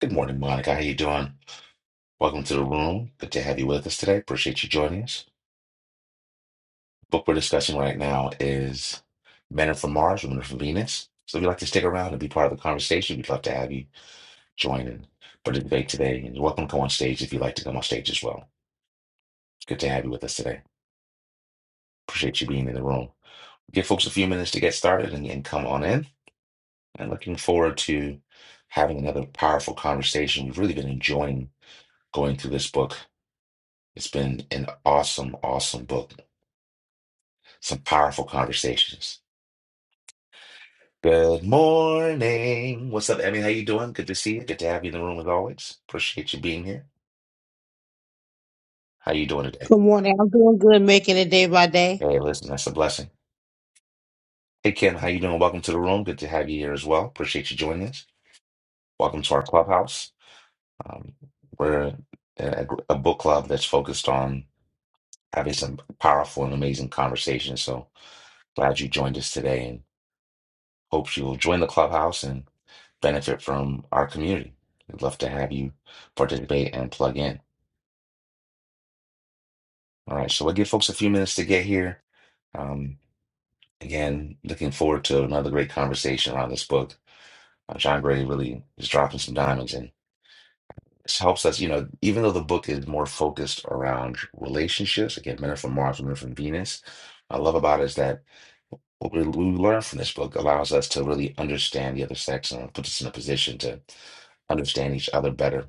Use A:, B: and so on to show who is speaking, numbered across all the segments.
A: Good morning, Monica. How you doing? Welcome to the room. Good to have you with us today. Appreciate you joining us. Book we're discussing right now is Men Are from Mars, Women Are from Venus. So if you'd like to stick around and be part of the conversation, we'd love to have you join in for the debate today. And you're welcome to come on stage if you'd like to come on stage as well. It's good to have you with us today. Appreciate you being in the room. Give folks a few minutes to get started and, and come on in. And looking forward to having another powerful conversation. We've really been enjoying going through this book. It's been an awesome, awesome book Some powerful conversations. Good morning. What's up, Emmy? How you doing? Good to see you. Good to have you in the room as always. Appreciate you being here. How you doing today?
B: Good morning. I'm doing good, making it day by day.
A: Hey, listen, that's a blessing. Hey, Kim, how you doing? Welcome to the room. Good to have you here as well. Appreciate you joining us. Welcome to our clubhouse. Um, we're a, a book club that's focused on having some powerful and amazing conversations. So glad you joined us today, and hope you will join the clubhouse benefit from our community. We'd love to have you participate and plug in. All right, so we'll give folks a few minutes to get here. Um, again, looking forward to another great conversation around this book. Uh, John Gray really is dropping some diamonds and this helps us, you know, even though the book is more focused around relationships, again, men are from Mars, women are from Venus. What I love about it is that what we we learn from this book allows us to really understand the other sex and puts us in a position to understand each other better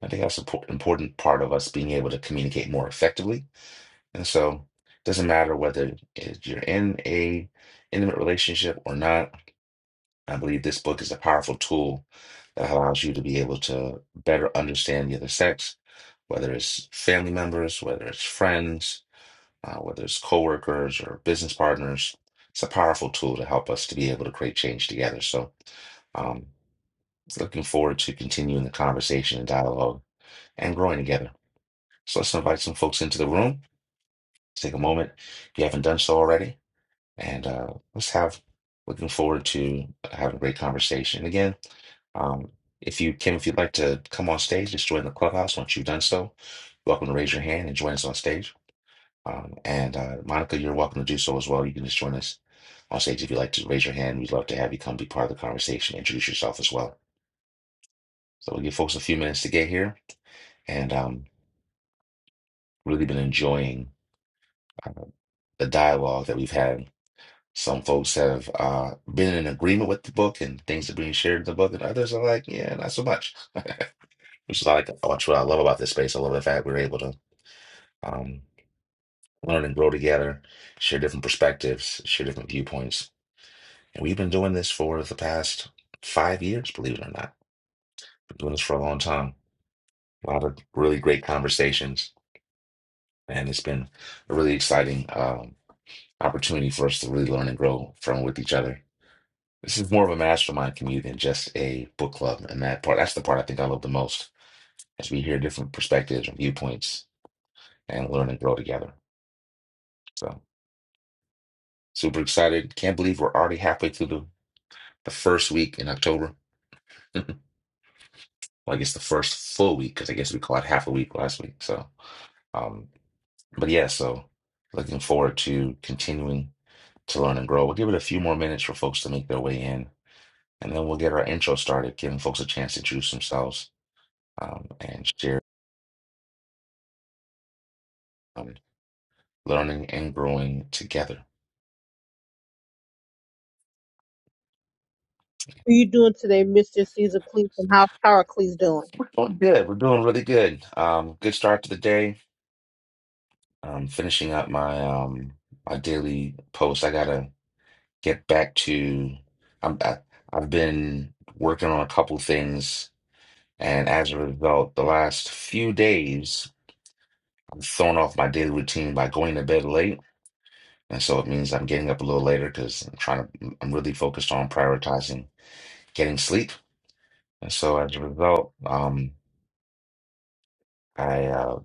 A: I think that's an important part of us being able to communicate more effectively. And so it doesn't matter whether it- you're in a intimate relationship or not. I believe this book is a powerful tool that allows you to be able to better understand the other sex, whether it's family members, whether it's friends, uh, whether it's coworkers or business partners. It's a powerful tool to help us to be able to create change together. So um, looking forward to continuing the conversation and dialogue and growing together. So let's invite some folks into the room. Let's take a moment if you haven't done so already. And uh, let's have, looking forward to having a great conversation. And again, um, if you, Kim, if you'd like to come on stage, just join the clubhouse. Once you've done so, you're welcome to raise your hand and join us on stage. Um, and uh, Monica, you're welcome to do so as well. You can just join us on stage if you'd like to raise your hand. We'd love to have you come be part of the conversation, introduce yourself as well. So we'll give folks a few minutes to get here. And um, really been enjoying uh, the dialogue that we've had Some folks have uh, been in agreement with the book and things are being shared in the book, and others are like, yeah, not so much. Which is like that's what I love about this space. I love the fact we're able to um, learn and grow together, share different perspectives, share different viewpoints. And we've been doing this for the past five years, believe it or not. Been doing this for a long time. A lot of really great conversations, and it's been a really exciting um, opportunity for us to really learn and grow from with each other This is more of a mastermind community than just a book club, and that part that's the part I think I love the most as we hear different perspectives and viewpoints and learn and grow together. So super excited! Can't believe we're already halfway through the, the first week in October. well, I guess the first full week because I guess we called it half a week last week. So, um, but yeah, so looking forward to continuing to learn and grow. We'll give it a few more minutes for folks to make their way in, and then we'll get our intro started, giving folks a chance to introduce themselves um, and share. um, learning and growing together.
B: What are you doing today, Mr. Caesar Cleese, and how's Cleese doing?
A: We're doing good. We're doing really good. Um, good start to the day. I'm finishing up my um my daily post. I gotta get back to. I'm I, I've been working on a couple things, and as a result, the last few days I've thrown off my daily routine by going to bed late, and so it means I'm getting up a little later because I'm trying to. I'm really focused on prioritizing getting sleep, and so as a result, um. I uh,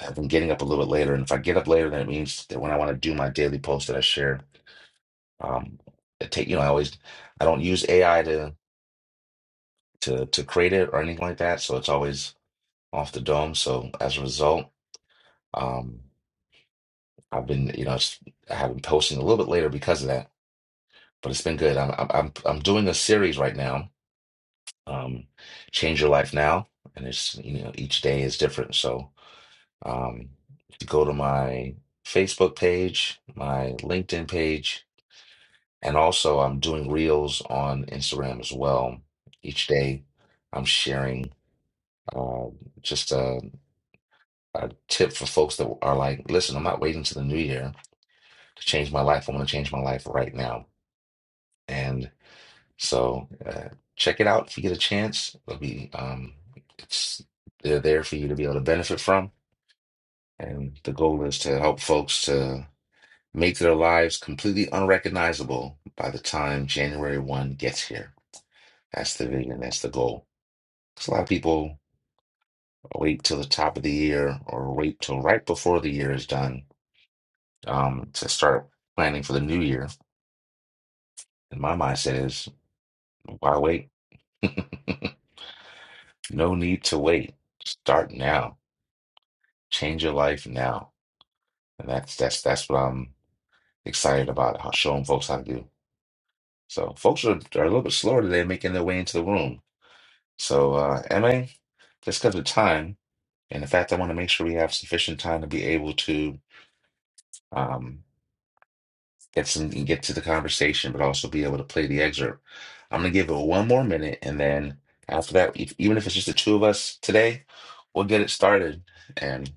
A: I've been getting up a little bit later, and if I get up later, then it means that when I want to do my daily post that I share, um, it take you know I always I don't use AI to to to create it or anything like that, so it's always off the dome. So as a result, um, I've been you know it's, I have been posting a little bit later because of that, but it's been good. I'm I'm I'm I'm doing a series right now, um, Change Your Life Now, and it's you know each day is different. So um, if you go to my Facebook page, my LinkedIn page And also, I'm doing reels on Instagram as well. Each day, I'm sharing uh, just a, a tip for folks that are like, listen, I'm not waiting to the new year to change my life. I want to change my life right now. And so, uh, check it out if you get a chance. It'll be, um, it's, they're there for you to be able to benefit from. And the goal is to help folks to make their lives completely unrecognizable by the time January 1 gets here. That's the vision. That's the goal. 'Cause a lot of people wait till the top of the year or wait till right before the year is done um, to start planning for the new year. And my mindset is, why wait? No need to wait. Start now. Change your life now. And that's that's that's what I'm excited about, how showing folks how to do. So folks are, are a little bit slower today making their way into the room. So uh MA, just because of time and the fact I want to make sure we have sufficient time to be able to um, get some get to the conversation, but also be able to play the excerpt. I'm gonna give it one more minute, and then after that, if, even if it's just the two of us today, we'll get it started. And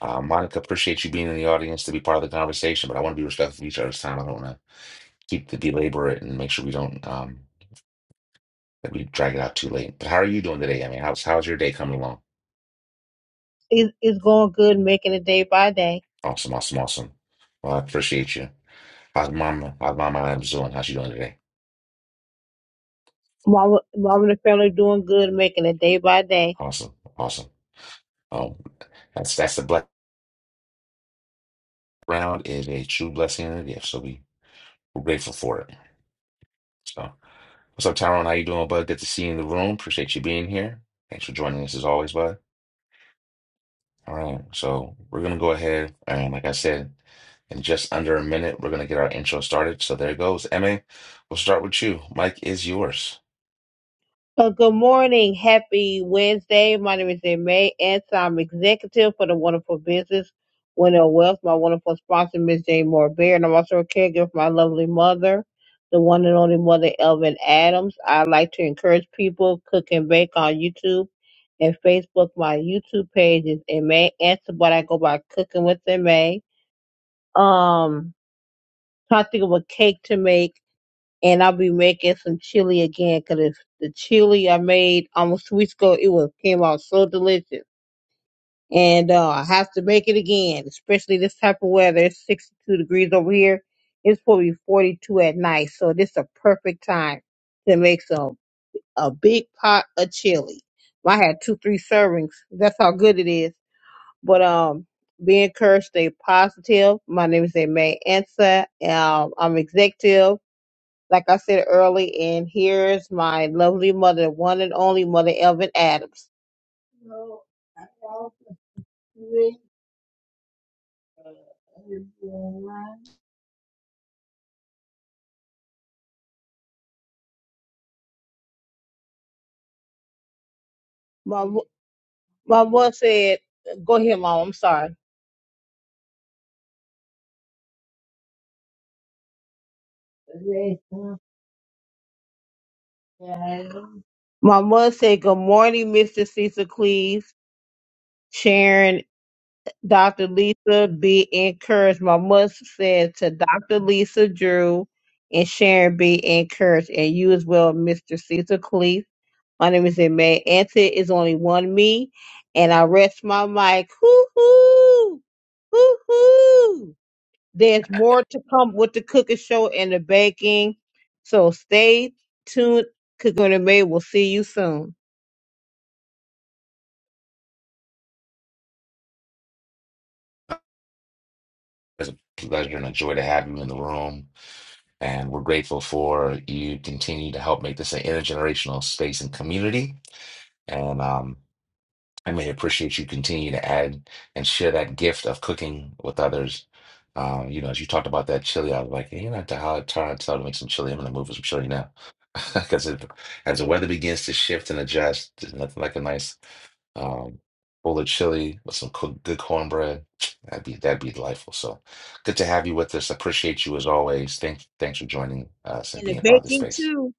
A: uh, Monica, appreciate you being in the audience to be part of the conversation, but I want to be respectful of each other's time. I don't want to keep the belabor it and make sure we don't um, that we drag it out too late. But how are you doing today? I mean, how's how's your day coming along?
B: It, it's going good, making it day by day.
A: Awesome, awesome, awesome. Well, I appreciate you. How's Mama? How's Mama Adams doing? How's she doing today?
B: Mama, mom and the family doing good, making it day by day.
A: Awesome, awesome. Oh, that's that's the blessing. round is a true blessing and a gift. So we, we're grateful for it. So what's up, Tyrone? How you doing, bud? Good to see you in the room. Appreciate you being here. Thanks for joining us as always, bud. All right. So we're gonna go ahead and like I said, in just under a minute, we're gonna get our intro started. So there it goes. Emma, we'll start with you. Mike is yours.
B: Uh, good morning. Happy Wednesday. My name is May and so I'm executive for the Wonderful Business Winner Wealth. My wonderful sponsor, Ms. Jane Moore Bear, and I'm also a caregiver for my lovely mother, the one and only mother, Elvin Adams. I like to encourage people cook and bake on YouTube and Facebook. My YouTube page is May Answer, but I go by Cooking with May. Um, trying to think of a cake to make and I'll be making some chili again because the chili I made almost two weeks ago, it was came out so delicious. And uh, I have to make it again, especially this type of weather. It's 62 degrees over here. It's probably 42 at night, so this is a perfect time to make some a big pot of chili. I had two, three servings. That's how good it is. But um, be encouraged, stay positive. My name is Aimee Ansa. Um, I'm executive like I said early, and here's my lovely mother, one and only Mother Elvin Adams. My mo- my mother said, "Go ahead, Mom. I'm sorry." My mother said, "Good morning, Mr. Cecil Cleves, Sharon, Dr. Lisa. Be encouraged." My mother said to Dr. Lisa Drew and Sharon, "Be encouraged," and you as well, Mr. Cecil Cleves. My name is May Answer is only one me, and I rest my mic. Hoo hoo, hoo hoo. There's more to come with the cooking show and the baking, so stay tuned. Cooking with May, we'll see you soon.
A: It's a pleasure and a joy to have you in the room. And we're grateful for you continue to help make this an intergenerational space and community. And um Finally, appreciate you continue to add and share that gift of cooking with others. Um, you know, as you talked about that chili, I was like, hey, you know, I how turn to make some chili. I'm gonna move for some chili now. Because as the weather begins to shift and adjust, there's nothing like a nice um, bowl of chili with some cook, good cornbread. That'd be that'd be delightful. So good to have you with us. Appreciate you as always. Thank thanks for joining us and
B: And the
A: being a part of the
B: baking
A: space.
B: too.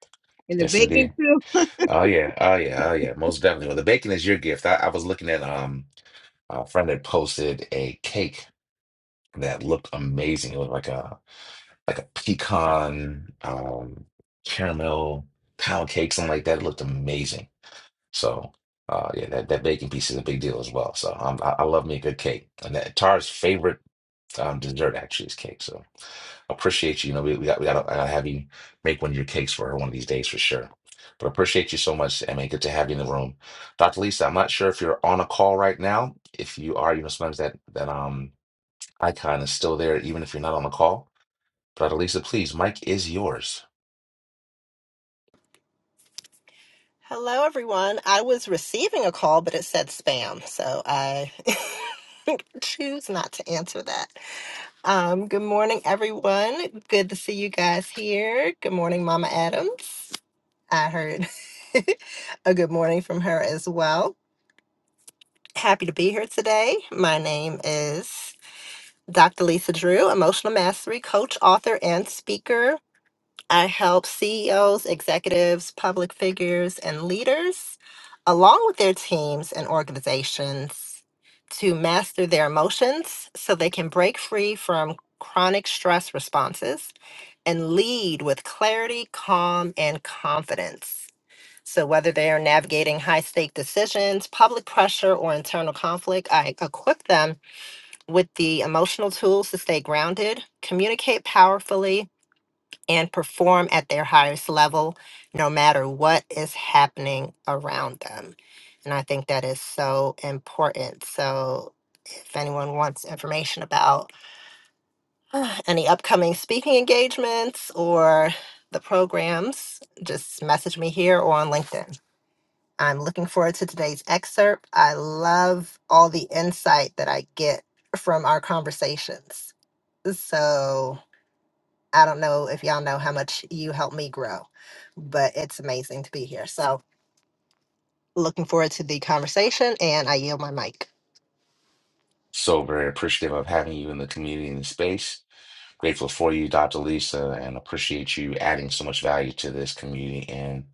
B: And the
A: Yes,
B: baking
A: indeed.
B: too.
A: Oh yeah, oh yeah, oh yeah. Most definitely. Well, the bacon is your gift. I, I was looking at um a friend had posted a cake that looked amazing. It was like a like a pecan um, caramel pound cake, something like that. It looked amazing. So uh, yeah, that, that baking piece is a big deal as well. So um, I, I love me a good cake. And that Tara's favorite um, dessert actually is cake, so appreciate you. You know, we, we got we got I gotta have you make one of your cakes for her one of these days for sure. But appreciate you so much, Emma. Good to have you in the room, Dr. Lisa. I'm not sure if you're on a call right now. If you are, you know, sometimes that that um icon is still there, even if you're not on a call. But Dr. Lisa, please, Mike is yours.
C: Hello, everyone. I was receiving a call, but it said spam, so I choose not to answer that. Um, good morning, everyone. Good to see you guys here. Good morning, Mama Adams. I heard a good morning from her as well. Happy to be here today. My name is Dr. Lisa Drew, emotional mastery coach, author, and speaker. I help CEOs, executives, public figures, and leaders, along with their teams and organizations, to master their emotions so they can break free from chronic stress responses and lead with clarity, calm, and confidence. So, whether they are navigating high stake decisions, public pressure, or internal conflict, I equip them with the emotional tools to stay grounded, communicate powerfully, and perform at their highest level no matter what is happening around them. And I think that is so important. So, if anyone wants information about uh, any upcoming speaking engagements or the programs, just message me here or on LinkedIn. I'm looking forward to today's excerpt. I love all the insight that I get from our conversations. So, I don't know if y'all know how much you helped me grow, but it's amazing to be here. So, looking forward to the conversation, and I yield my mic.
A: So very appreciative of having you in the community and the space. Grateful for you, Dr. Lisa, and appreciate you adding so much value to this community and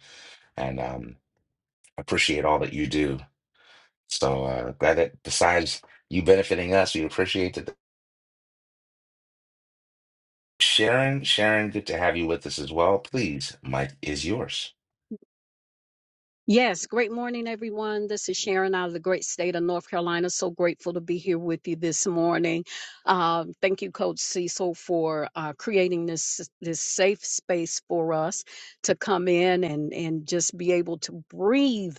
A: and um, appreciate all that you do So uh, glad that besides you benefiting us, we appreciate that. Sharon, Sharon, good to have you with us as well. Please, Mike is yours.
D: Yes, great morning, everyone. This is Sharon out of the great state of North Carolina. So grateful to be here with you this morning. Um, thank you, Coach Cecil, for uh, creating this this safe space for us to come in and and just be able to breathe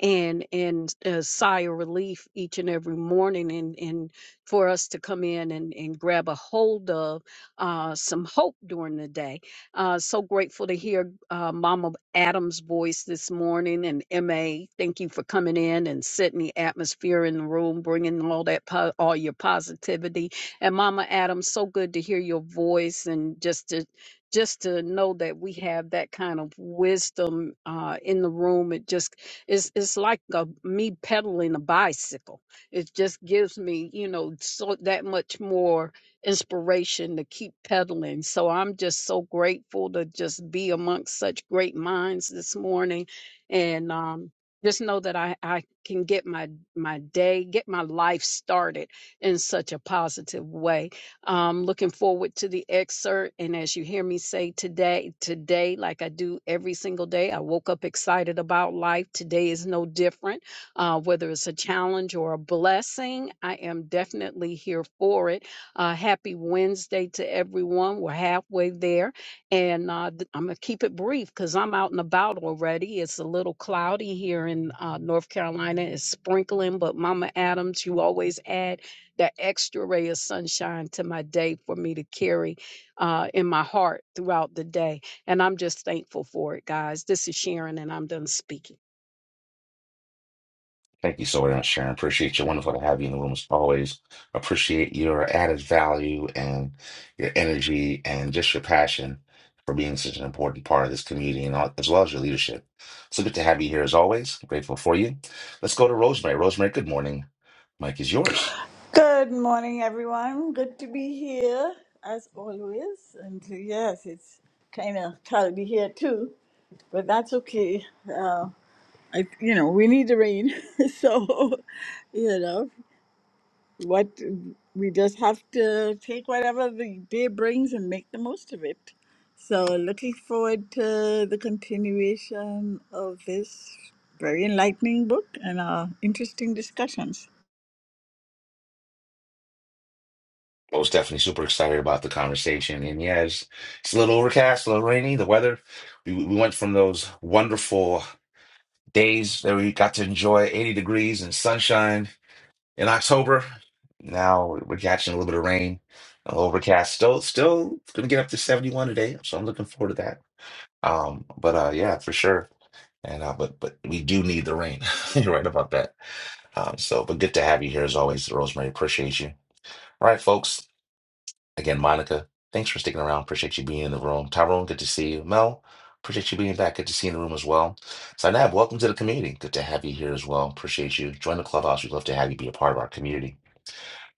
D: and and uh, sigh of relief each and every morning, and and for us to come in and and grab a hold of uh, some hope during the day uh, so grateful to hear uh, Mama Adams' voice this morning and MA. Thank you for coming in and setting the atmosphere in the room, bringing all that, po- all your positivity. And Mama Adams, so good to hear your voice and just to, just to know that we have that kind of wisdom uh, in the room. It just, it's, it's like a, me pedaling a bicycle. It just gives me, you know, so that much more inspiration to keep pedaling. So I'm just so grateful to just be amongst such great minds this morning. And um, just know that I, I can get my, my day, get my life started in such a positive way. Um, looking forward to the excerpt. And as you hear me say today, today, like I do every single day, I woke up excited about life. Today is no different. Uh, whether it's a challenge or a blessing, I am definitely here for it uh, happy Wednesday to everyone. We're halfway there. And uh, th- I'm going to keep it brief because I'm out and about already. It's a little cloudy here in uh, North Carolina. It's sprinkling, but Mama Adams, you always add that extra ray of sunshine to my day for me to carry uh, in my heart throughout the day. And I'm just thankful for it, guys. This is Sharon, and I'm done speaking.
A: Thank you so very much, Sharon. Appreciate you. Wonderful to have you in the room as always. Appreciate your added value and your energy and just your passion for being such an important part of this community and all, as well as your leadership. So good to have you here as always. Grateful for you. Let's go to Rosemary. Rosemary, good morning. Mike is yours.
E: Good morning, everyone. Good to be here as always. And uh, yes, it's kind of cloudy here too, but that's okay. Uh, I, you know, we need the rain, so you know what we just have to take whatever the day brings and make the most of it. So, looking forward to the continuation of this very enlightening book and our interesting discussions.
A: I was definitely super excited about the conversation. And yeah, it's, it's a little overcast, a little rainy. The weather, we, we went from those wonderful days that we got to enjoy 80 degrees and sunshine in October. Now we're catching a little bit of rain, a little overcast. Still, still gonna get up to 71 today. So I'm looking forward to that. Um, but uh, yeah, for sure. And uh, but but we do need the rain. You're right about that. Um, so but good to have you here as always, Rosemary. Appreciate you. All right, folks. Again, Monica, thanks for sticking around. Appreciate you being in the room. Tyrone, good to see you. Mel, appreciate you being back. Good to see you in the room as well. Sinab, welcome to the community. Good to have you here as well. Appreciate you. Join the clubhouse. We'd love to have you be a part of our community.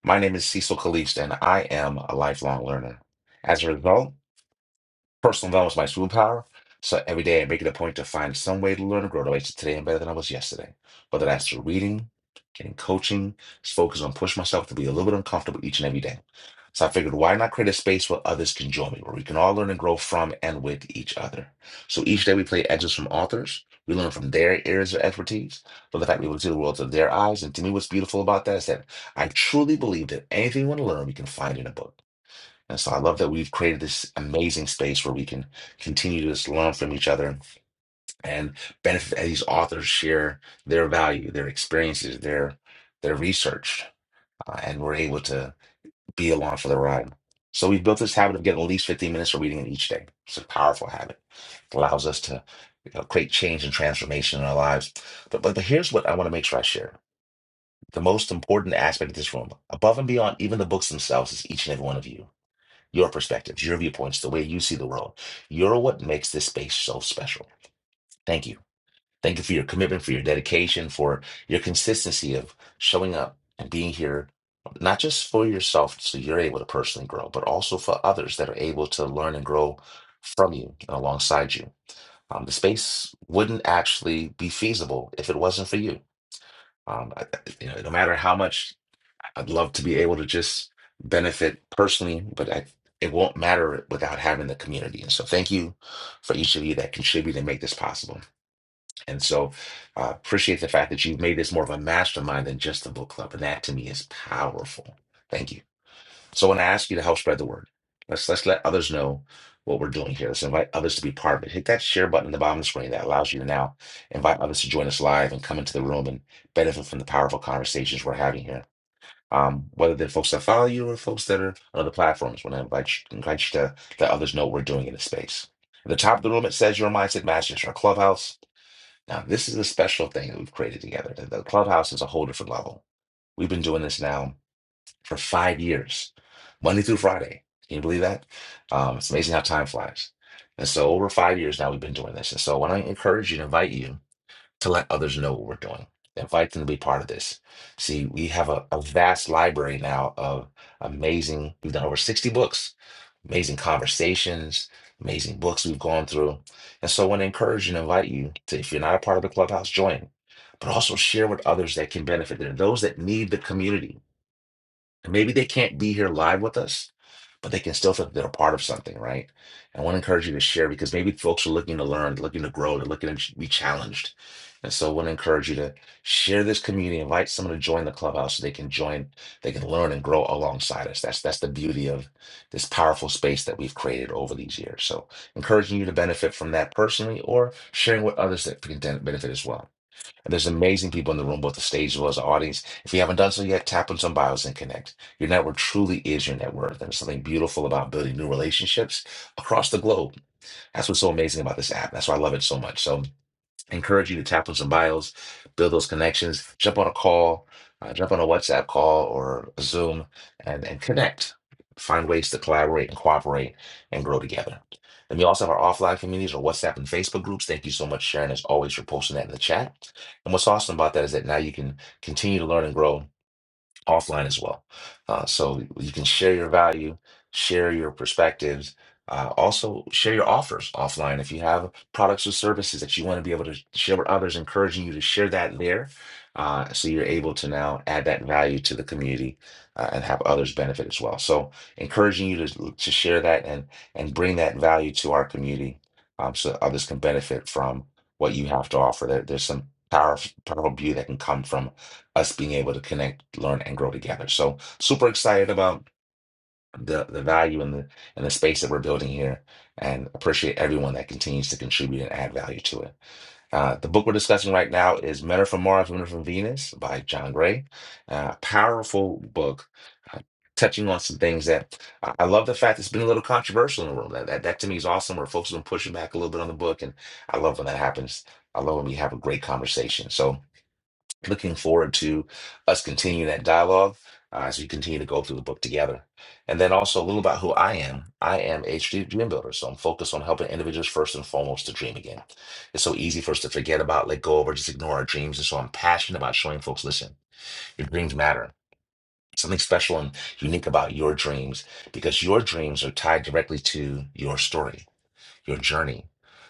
A: My name is Cecil Kalist, and I am a lifelong learner. As a result, Personal development is my superpower. So every day I make it a point to find some way to learn and grow to make it today I'm better than I was yesterday. Whether that's through reading, getting coaching, just focus on pushing myself to be a little bit uncomfortable each and every day. So I figured, why not create a space where others can join me, where we can all learn and grow from and with each other. So each day we play edges from authors. We learn from their areas of expertise, but the fact we will see the world through their eyes. And to me, what's beautiful about that is that I truly believe that anything we want to learn, we can find in a book. And so I love that we've created this amazing space where we can continue to just learn from each other and benefit as these authors share their value, their experiences, their their research, uh, and we're able to be along for the ride. So we've built this habit of getting at least 15 minutes of reading in each day. It's a powerful habit. It allows us to you know, create change and transformation in our lives. But, but but here's what I want to make sure I share. The most important aspect of this room, above and beyond even the books themselves, is each and every one of you your perspectives, your viewpoints, the way you see the world. You're what makes this space so special. Thank you. Thank you for your commitment, for your dedication, for your consistency of showing up and being here, not just for yourself, so you're able to personally grow, but also for others that are able to learn and grow from you and alongside you. Um, the space wouldn't actually be feasible if it wasn't for you. Um, I- I- you know, no matter how much I'd love to be able to just benefit personally, but I, it won't matter without having the community. And so, thank you for each of you that contribute and make this possible. And so, I appreciate the fact that you've made this more of a mastermind than just a book club, and that to me is powerful. Thank you. So, when I ask you to help spread the word, let's let's let others know what we're doing here. Let's invite others to be part of it. Hit that share button at the bottom of the screen that allows you to now invite others to join us live and come into the room and benefit from the powerful conversations we're having here um, whether they're folks that follow you or folks that are on other platforms. When I invite you, invite you to let others know what we're doing in the space. At the top of the room, it says your mindset matches our clubhouse. Now, this is a special thing that we've created together. The the clubhouse is a whole different level. We've been doing this now for five years, Monday through Friday. Can you believe that? Um, it's amazing how time flies. And so, over five years now, we've been doing this. And so, when I encourage you to invite you to let others know what we're doing. Invite them to be part of this. See, we have a, a vast library now of amazing, we've done over 60 books, amazing conversations, amazing books we've gone through. And so I want to encourage and invite you to, if you're not a part of the clubhouse, join, but also share with others that can benefit. There are those that need the community and maybe they can't be here live with us, but they can still feel that they're a part of something, right? And I want to encourage you to share because maybe folks are looking to learn, looking to grow, they're looking to be challenged. And so I want to encourage you to share this community, invite someone to join the clubhouse so they can join, they can learn and grow alongside us. That's that's the beauty of this powerful space that we've created over these years. So encouraging you to benefit from that personally or sharing with others that can benefit as well. And there's amazing people in the room, both the stage as well as the audience. If you haven't done so yet, tap on some bios and connect. Your network truly is your net worth. And there's something beautiful about building new relationships across the globe. That's what's so amazing about this app. That's why I love it so much. So encourage you to tap on some bios, build those connections, jump on a call, uh, jump on a WhatsApp call or a Zoom and, and connect. Find ways to collaborate and cooperate and grow together. And we also have our offline communities or WhatsApp and Facebook groups. Thank you so much, Sharon, as always, for posting that in the chat. And what's awesome about that is that now you can continue to learn and grow offline as well. Uh, so you can share your value, share your perspectives, uh, also share your offers offline. If you have products or services that you want to be able to share with others, encouraging you to share that there. Uh, so you're able to now add that value to the community uh, and have others benefit as well. So encouraging you to, to share that and and bring that value to our community um, so that others can benefit from what you have to offer. There, there's some powerful, powerful beauty that can come from us being able to connect, learn, and grow together. So super excited about the the value and the and the space that we're building here, and appreciate everyone that continues to contribute and add value to it. Uh, the book we're discussing right now is Men Are From Mars, Women Are From Venus by John Gray. Uh, powerful book, uh, touching on some things that I, I love the fact it's been a little controversial in the room. That, that, that to me is awesome, where folks have been pushing back a little bit on the book. And I love when that happens. I love when we have a great conversation. So looking forward to us continuing that dialogue uh, as we continue to go through the book together. And then also a little about who I am. I am a strategic dream builder, so I'm focused on helping individuals first and foremost to dream again. It's so easy for us to forget about, let go of, or just ignore our dreams. And so I'm passionate about showing folks, listen, your dreams matter. Something special and unique about your dreams because your dreams are tied directly to your story your journey.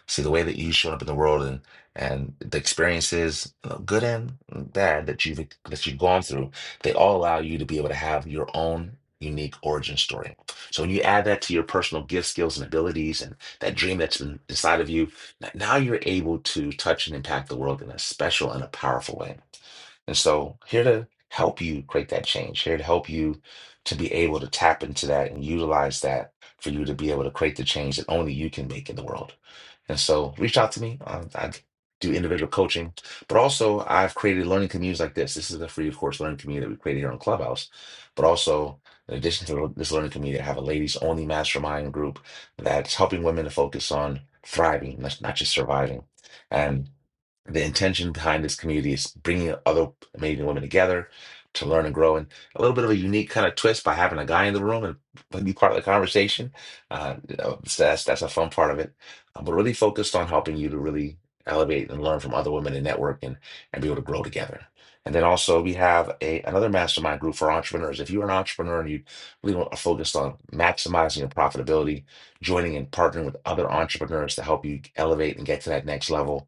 A: See the way that you showed up in the world and and the experiences, uh, good and bad, that you've that you've gone through, they all allow you to be able to have your own unique origin story. So when you add that to your personal gifts, skills, and abilities, and that dream that's been inside of you, n- now you're able to touch and impact the world in a special and a powerful way. And so, here to help you create that change, here to help you to be able to tap into that and utilize that for you to be able to create the change that only you can make in the world. And so reach out to me. Um, I do individual coaching, but also I've created learning communities like this. This is a free, of course, learning community that we created here on Clubhouse, but also in addition to this learning community, I have a ladies only mastermind group that's helping women to focus on thriving, not not just surviving. and the intention behind this community is bringing other amazing women together to learn and grow and a little bit of a unique kind of twist by having a guy in the room and be part of the conversation uh, you know, so that's that's a fun part of it Uh, but really focused on helping you to really elevate and learn from other women and network and, and be able to grow together and then also we have a another mastermind group for entrepreneurs if you're an entrepreneur and you really want to focus on maximizing your profitability joining and partnering with other entrepreneurs to help you elevate and get to that next level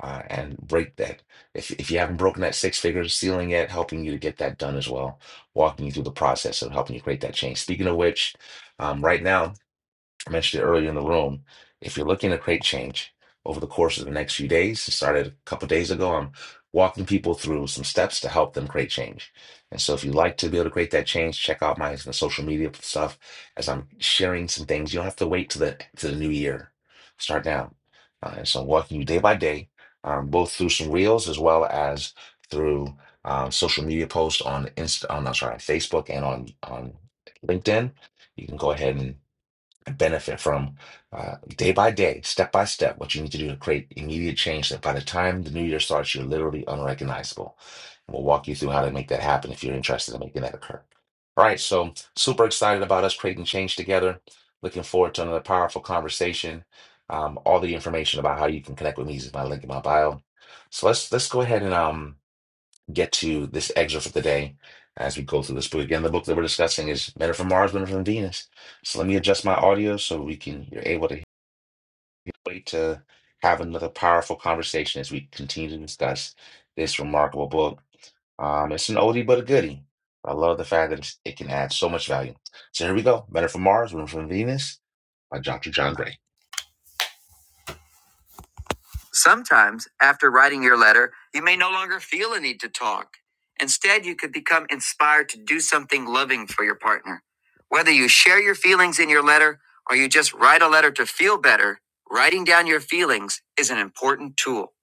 A: uh, and break that. If, if you haven't broken that six figure ceiling yet, helping you to get that done as well, walking you through the process of helping you create that change. Speaking of which, um, right now, I mentioned it earlier in the room. If you're looking to create change over the course of the next few days, it started a couple days ago. I'm walking people through some steps to help them create change. And so, if you'd like to be able to create that change, check out my social media stuff as I'm sharing some things. You don't have to wait to the to the new year. Start now. Uh, and so, I'm walking you day by day, um, both through some reels as well as through um, social media posts on Insta, on I'm sorry, on Facebook and on on LinkedIn. You can go ahead and and benefit from uh, day by day, step by step, what you need to do to create immediate change that by the time the new year starts, you're literally unrecognizable. And we'll walk you through how to make that happen if you're interested in making that occur. All right, so super excited about us creating change together. Looking forward to another powerful conversation. Um, all the information about how you can connect with me is my link in my bio. So let's let's go ahead and um get to this excerpt for today as we go through this book. Again, the book that we're discussing is Men Are from Mars, Women Are from Venus. So let me adjust my audio so we can you're able to hear. wait to have another powerful conversation as we continue to discuss this remarkable book. Um, it's an oldie but a goodie. I love the fact that it's- it can add so much value. So here we go. Men Are from Mars, Women Are from Venus by Dr. John Gray. Sometimes, after writing your letter, you may no longer feel a need to talk. Instead, you could become inspired to do something loving for your partner. Whether you share your feelings in your letter or you just write a letter to feel better, writing down your feelings is an important tool.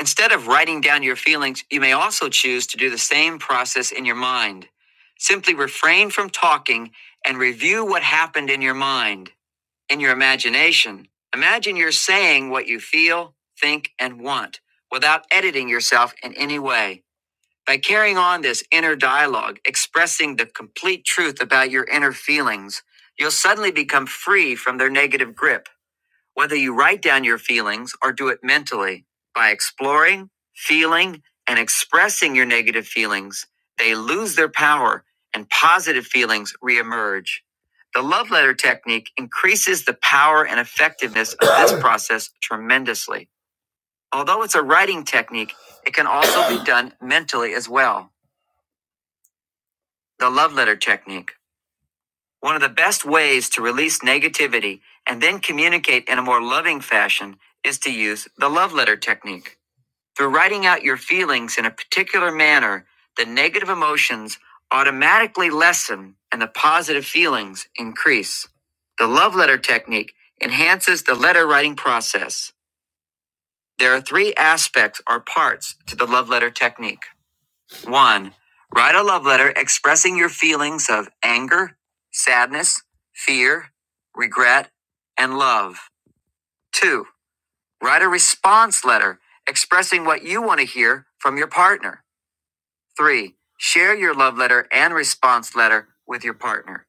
A: Instead of writing down your feelings, you may also choose to do the same process in your mind. Simply refrain from talking and review what happened in your mind. In your imagination, imagine you're saying what you feel, think, and want without editing yourself in any way. By carrying on this inner dialogue, expressing the complete truth about your inner feelings, you'll suddenly become free from their negative grip whether you write down your feelings or do it mentally. By exploring, feeling, and expressing your negative feelings, they lose their power and positive feelings reemerge. The love letter technique increases the power and effectiveness of this process tremendously. Although it's a writing technique, it can also be done mentally as well. The love letter technique. One of the best ways to release negativity and then communicate in a more loving fashion is to use the love letter technique. Through writing out your feelings in a particular manner, the negative emotions automatically lessen and the positive feelings increase. The love letter technique enhances the letter writing process. There are three aspects or parts to the love letter technique. One, write a love letter expressing your feelings of anger, sadness, fear, regret, and love. Two, write a response letter expressing what you want to hear from your partner. Three, share your love letter and response letter with your partner.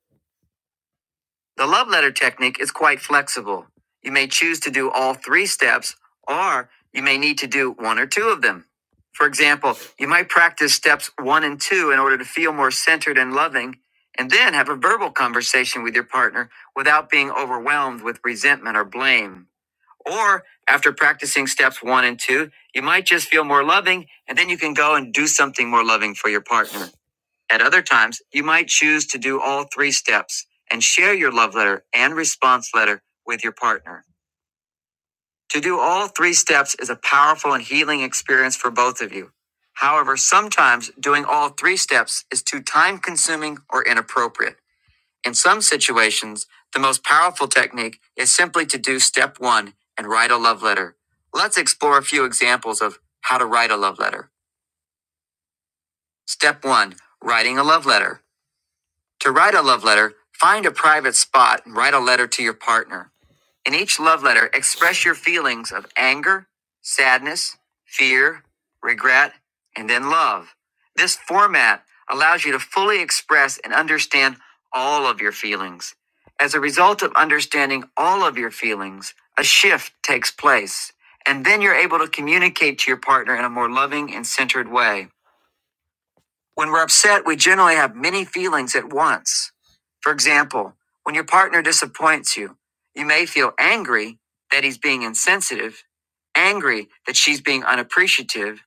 A: The love letter technique is quite flexible. You may choose to do all three steps, or you may need to do one or two of them. For example, you might practice steps one and two in order to feel more centered and loving, and then have a verbal conversation with your partner without being overwhelmed with resentment or blame. Or after practicing steps one and two, you might just feel more loving, and then you can go and do something more loving for your partner. At other times, you might choose to do all three steps and share your love letter and response letter with your partner. To do all three steps is a powerful and healing experience for both of you. However, sometimes doing all three steps is too time consuming or inappropriate. In some situations, the most powerful technique is simply to do step one and write a love letter. Let's explore a few examples of how to write a love letter. Step one, writing a love letter. To write a love letter, find a private spot and write a letter to your partner. In each love letter, express your feelings of anger, sadness, fear, regret, and then love. This format allows you to fully express and understand all of your feelings. As a result of understanding all of your feelings, a shift takes place, and then you're able to communicate to your partner in a more loving and centered way. When we're upset, we generally have many feelings at once. For example, when your partner disappoints you, you may feel angry that he's being insensitive, angry that she's being unappreciative,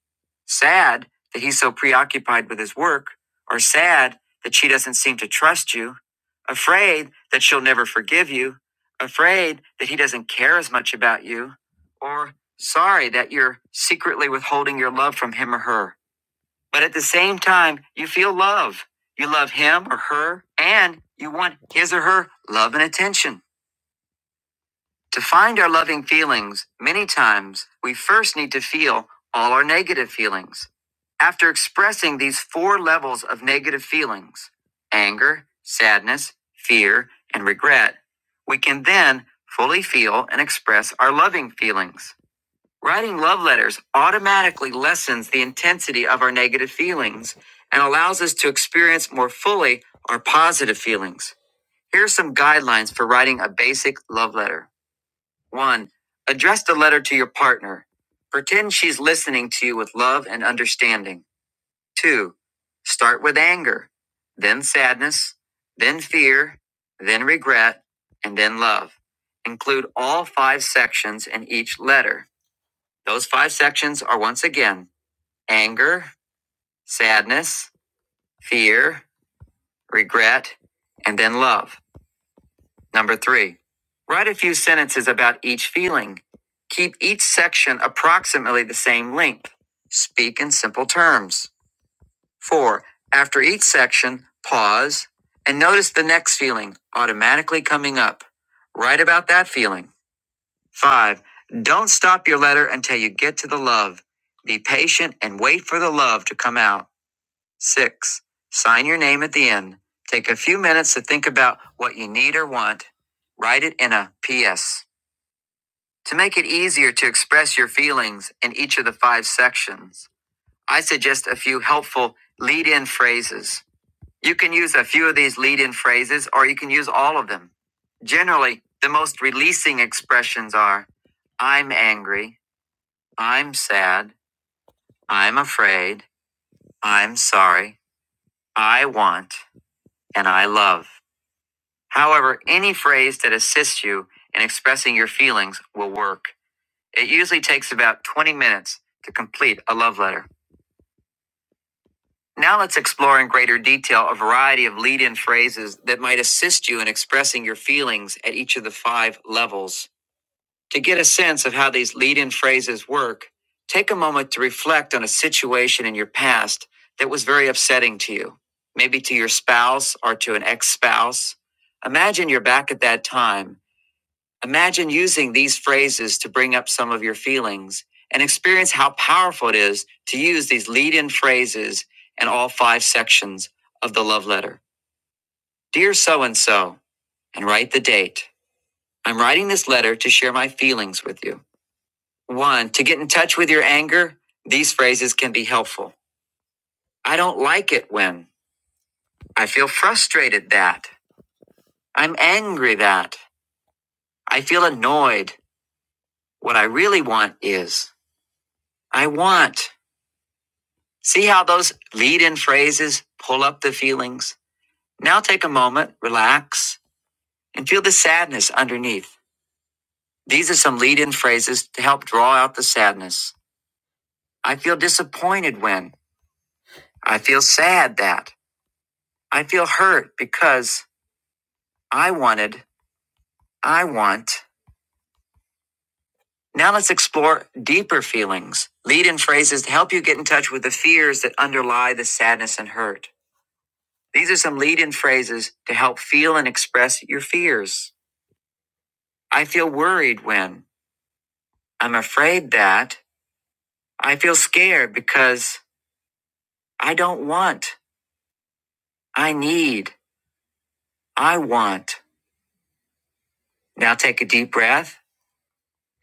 A: sad that he's so preoccupied with his work, or sad that she doesn't seem to trust you, afraid that she'll never forgive you, afraid that he doesn't care as much about you, or sorry that you're secretly withholding your love from him or her. But at the same time, you feel love. You love him or her, and you want his or her love and attention. To find our loving feelings, many times we first need to feel all our negative feelings. After expressing these four levels of negative feelings anger, sadness, fear, and regret we can then fully feel and express our loving feelings. Writing love letters automatically lessens the intensity of our negative feelings and allows us to experience more fully our positive feelings. Here are some guidelines for writing a basic love letter. 1. Address the letter to your partner. Pretend she's listening to you with love and understanding. 2. Start with anger, then sadness, then fear, then regret, and then love. Include all five sections in each letter. Those five sections are once again anger, sadness, fear, regret, and then love. Number three, write a few sentences about each feeling. Keep each section approximately the same length. Speak in simple terms. Four, after each section, pause and notice the next feeling automatically coming up. Write about that feeling. Five, don't stop your letter until you get to the love. Be patient and wait for the love to come out. Six, sign your name at the end. Take a few minutes to think about what you need or want. Write it in a PS. To make it easier to express your feelings in each of the five sections, I suggest a few helpful lead in phrases. You can use a few of these lead in phrases or you can use all of them. Generally, the most releasing expressions are I'm angry. I'm sad. I'm afraid. I'm sorry. I want. And I love. However, any phrase that assists you in expressing your feelings will work. It usually takes about 20 minutes to complete a love letter. Now let's explore in greater detail a variety of lead in phrases that might assist you in expressing your feelings at each of the five levels. To get a sense of how these lead in phrases work, take a moment to reflect on a situation in your past that was very upsetting to you, maybe to your spouse or to an ex spouse. Imagine you're back at that time. Imagine using these phrases to bring up some of your feelings and experience how powerful it is to use these lead in phrases in all five sections of the love letter. Dear so and so, and write the date. I'm writing this letter to share my feelings with you. One, to get in touch with your anger, these phrases can be helpful. I don't like it when. I feel frustrated that. I'm angry that. I feel annoyed. What I really want is. I want. See how those lead in phrases pull up the feelings? Now take a moment, relax, and feel the sadness underneath. These are some lead in phrases to help draw out the sadness. I feel disappointed when. I feel sad that. I feel hurt because. I wanted, I want. Now let's explore deeper feelings. Lead in phrases to help you get in touch with the fears that underlie the sadness and hurt. These are some lead in phrases to help feel and express your fears. I feel worried when I'm afraid that I feel scared because I don't want, I need, I want. Now take a deep breath.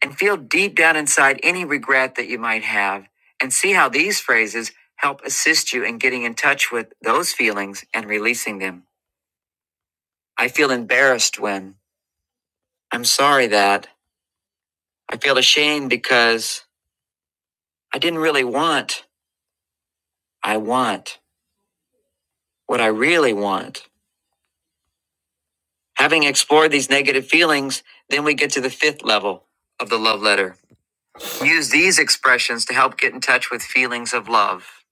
A: and feel deep down inside any regret that you might have and see how these phrases help assist you in getting in touch with those feelings and releasing them. I feel embarrassed when I'm sorry that I feel ashamed because I didn't really want. I want what I really want. Having explored these negative feelings, then we get to the fifth level of the love letter. Use these expressions to help get in touch with feelings of love.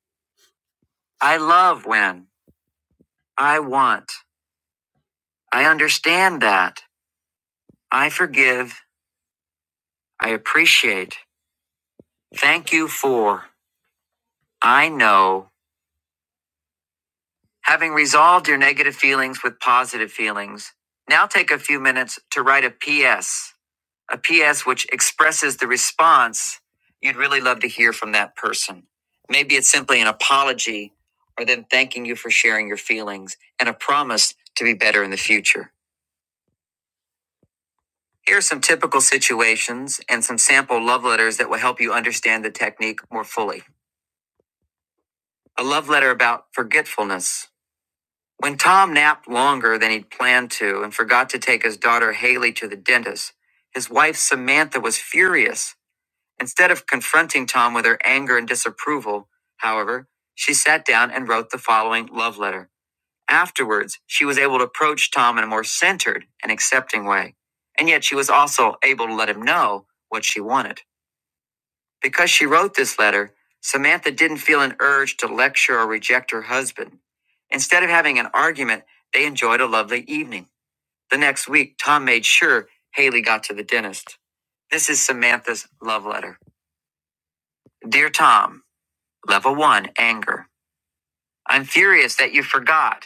A: I love when I want. I understand that. I forgive. I appreciate. Thank you for. I know. Having resolved your negative feelings with positive feelings, now take a few minutes to write a PS, a PS which expresses the response you'd really love to hear from that person. Maybe it's simply an apology or them thanking you for sharing your feelings and a promise to be better in the future. Here are some typical situations and some sample love letters that will help you understand the technique more fully. A love letter about forgetfulness. When Tom napped longer than he'd planned to and forgot to take his daughter Haley to the dentist, his wife Samantha was furious. Instead of confronting Tom with her anger and disapproval, however, she sat down and wrote the following love letter. Afterwards, she was able to approach Tom in a more centered and accepting way. And yet she was also able to let him know what she wanted. Because she wrote this letter, Samantha didn't feel an urge to lecture or reject her husband. Instead of having an argument, they enjoyed a lovely evening. The next week, Tom made sure Haley got to the dentist. This is Samantha's love letter. Dear Tom, level one, anger. I'm furious that you forgot.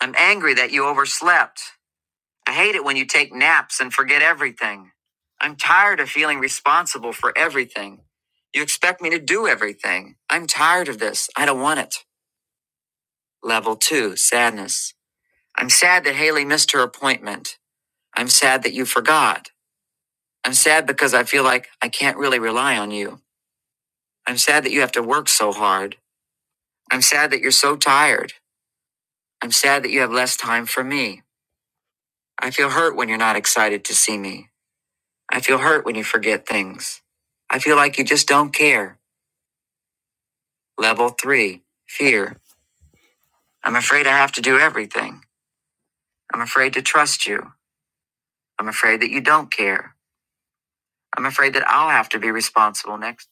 A: I'm angry that you overslept. I hate it when you take naps and forget everything. I'm tired of feeling responsible for everything. You expect me to do everything. I'm tired of this. I don't want it. Level two, sadness. I'm sad that Haley missed her appointment. I'm sad that you forgot. I'm sad because I feel like I can't really rely on you. I'm sad that you have to work so hard. I'm sad that you're so tired. I'm sad that you have less time for me. I feel hurt when you're not excited to see me. I feel hurt when you forget things. I feel like you just don't care. Level three, fear. I'm afraid I have to do everything. I'm afraid to trust you. I'm afraid that you don't care. I'm afraid that I'll have to be responsible next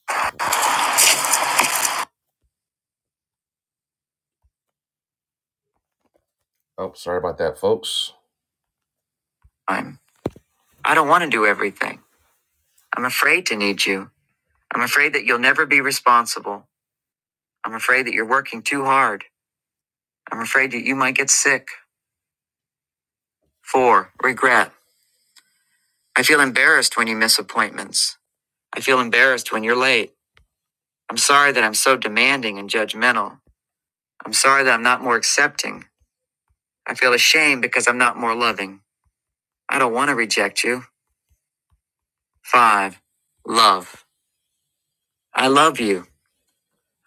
A: Oh, sorry about that, folks. I'm, I don't want to do everything. I'm afraid to need you. I'm afraid that you'll never be responsible. I'm afraid that you're working too hard. I'm afraid that you might get sick. Four, regret. I feel embarrassed when you miss appointments. I feel embarrassed when you're late. I'm sorry that I'm so demanding and judgmental. I'm sorry that I'm not more accepting. I feel ashamed because I'm not more loving. I don't want to reject you. 5. Love. I love you.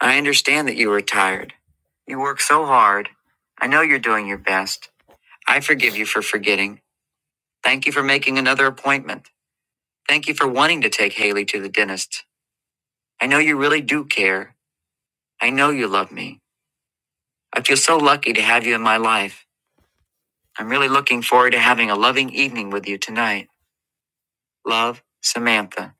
A: I understand that you are tired. You work so hard. I know you're doing your best. I forgive you for forgetting. Thank you for making another appointment. Thank you for wanting to take Haley to the dentist. I know you really do care. I know you love me. I feel so lucky to have you in my life. I'm really looking forward to having a loving evening with you tonight. Love, Samantha.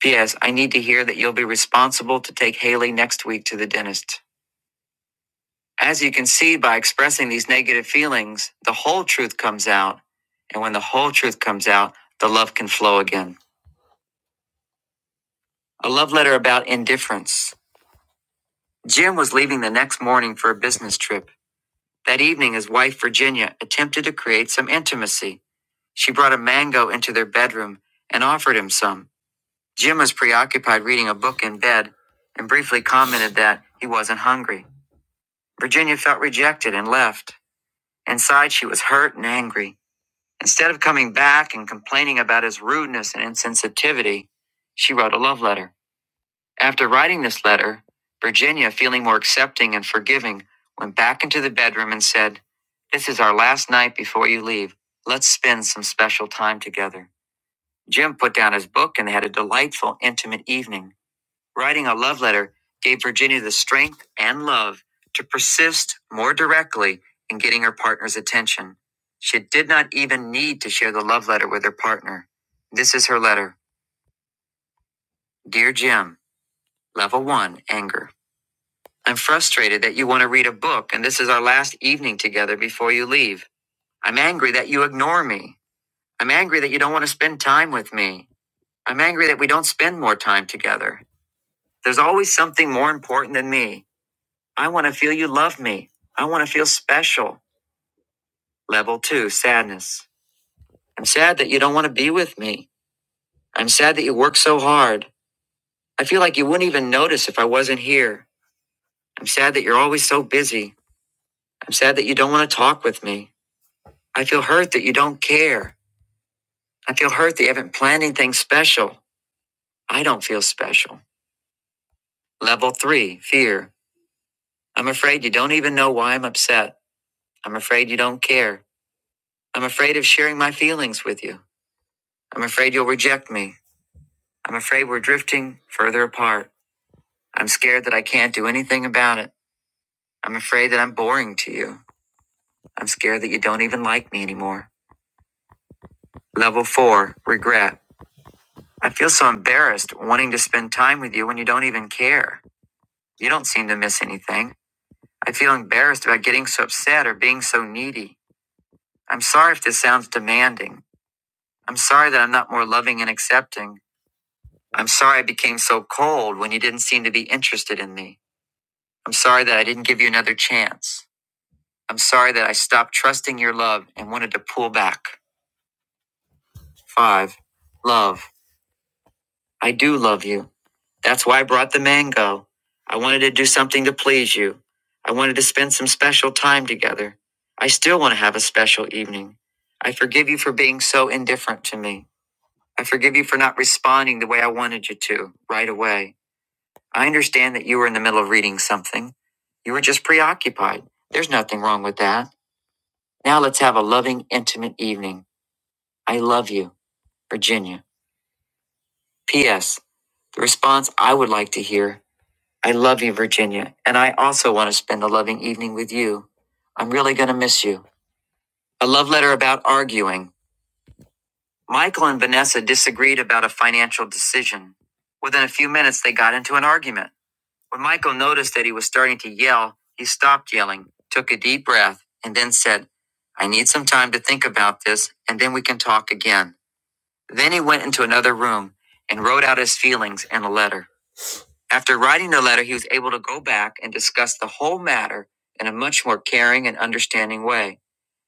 A: P.S. I need to hear that you'll be responsible to take Haley next week to the dentist. As you can see by expressing these negative feelings, the whole truth comes out. And when the whole truth comes out, the love can flow again. A love letter about indifference. Jim was leaving the next morning for a business trip. That evening, his wife, Virginia, attempted to create some intimacy. She brought a mango into their bedroom and offered him some. Jim was preoccupied reading a book in bed and briefly commented that he wasn't hungry. Virginia felt rejected and left. Inside, she was hurt and angry. Instead of coming back and complaining about his rudeness and insensitivity, she wrote a love letter. After writing this letter, Virginia, feeling more accepting and forgiving, went back into the bedroom and said, This is our last night before you leave. Let's spend some special time together. Jim put down his book and they had a delightful, intimate evening. Writing a love letter gave Virginia the strength and love to persist more directly in getting her partner's attention. She did not even need to share the love letter with her partner. This is her letter Dear Jim, Level 1 Anger. I'm frustrated that you want to read a book, and this is our last evening together before you leave. I'm angry that you ignore me. I'm angry that you don't want to spend time with me. I'm angry that we don't spend more time together. There's always something more important than me. I want to feel you love me. I want to feel special. Level two, sadness. I'm sad that you don't want to be with me. I'm sad that you work so hard. I feel like you wouldn't even notice if I wasn't here. I'm sad that you're always so busy. I'm sad that you don't want to talk with me. I feel hurt that you don't care. I feel hurt that you haven't planned anything special. I don't feel special. Level three, fear. I'm afraid you don't even know why I'm upset. I'm afraid you don't care. I'm afraid of sharing my feelings with you. I'm afraid you'll reject me. I'm afraid we're drifting further apart. I'm scared that I can't do anything about it. I'm afraid that I'm boring to you. I'm scared that you don't even like me anymore. Level four, regret. I feel so embarrassed wanting to spend time with you when you don't even care. You don't seem to miss anything. I feel embarrassed about getting so upset or being so needy. I'm sorry if this sounds demanding. I'm sorry that I'm not more loving and accepting. I'm sorry I became so cold when you didn't seem to be interested in me. I'm sorry that I didn't give you another chance. I'm sorry that I stopped trusting your love and wanted to pull back. 5. Love. I do love you. That's why I brought the mango. I wanted to do something to please you. I wanted to spend some special time together. I still want to have a special evening. I forgive you for being so indifferent to me. I forgive you for not responding the way I wanted you to right away. I understand that you were in the middle of reading something. You were just preoccupied. There's nothing wrong with that. Now let's have a loving, intimate evening. I love you, Virginia. P.S. The response I would like to hear I love you, Virginia, and I also want to spend a loving evening with you. I'm really going to miss you. A love letter about arguing. Michael and Vanessa disagreed about a financial decision. Within a few minutes, they got into an argument. When Michael noticed that he was starting to yell, he stopped yelling, took a deep breath, and then said, I need some time to think about this, and then we can talk again. Then he went into another room and wrote out his feelings in a letter. After writing the letter, he was able to go back and discuss the whole matter in a much more caring and understanding way.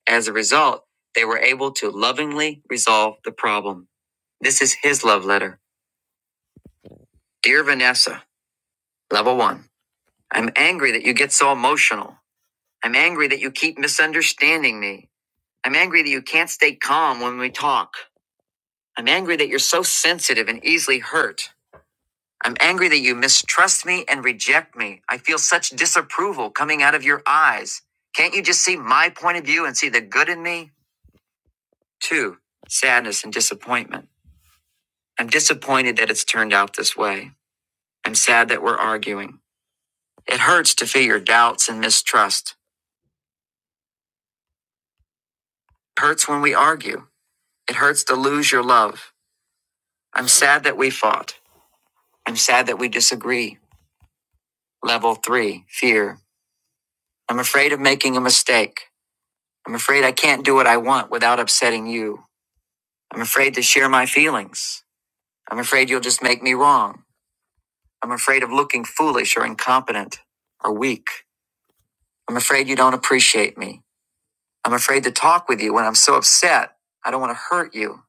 A: As a result, they were able to lovingly resolve the problem. This is his love letter. Dear Vanessa, level one, I'm angry that you get so emotional. I'm angry that you keep misunderstanding me. I'm angry that you can't stay calm when we talk. I'm angry that you're so sensitive and easily hurt. I'm angry that you mistrust me and reject me. I feel such disapproval coming out of your eyes. Can't you just see my point of view and see the good in me? Two, sadness and disappointment. I'm disappointed that it's turned out this way. I'm sad that we're arguing. It hurts to feel your doubts and mistrust. It hurts when we argue. It hurts to lose your love. I'm sad that we fought. I'm sad that we disagree. Level three, fear. I'm afraid of making a mistake. I'm afraid I can't do what I want without upsetting you. I'm afraid to share my feelings. I'm afraid you'll just make me wrong. I'm afraid of looking foolish or incompetent or weak. I'm afraid you don't appreciate me. I'm afraid to talk with you when I'm so upset. I don't want to hurt you.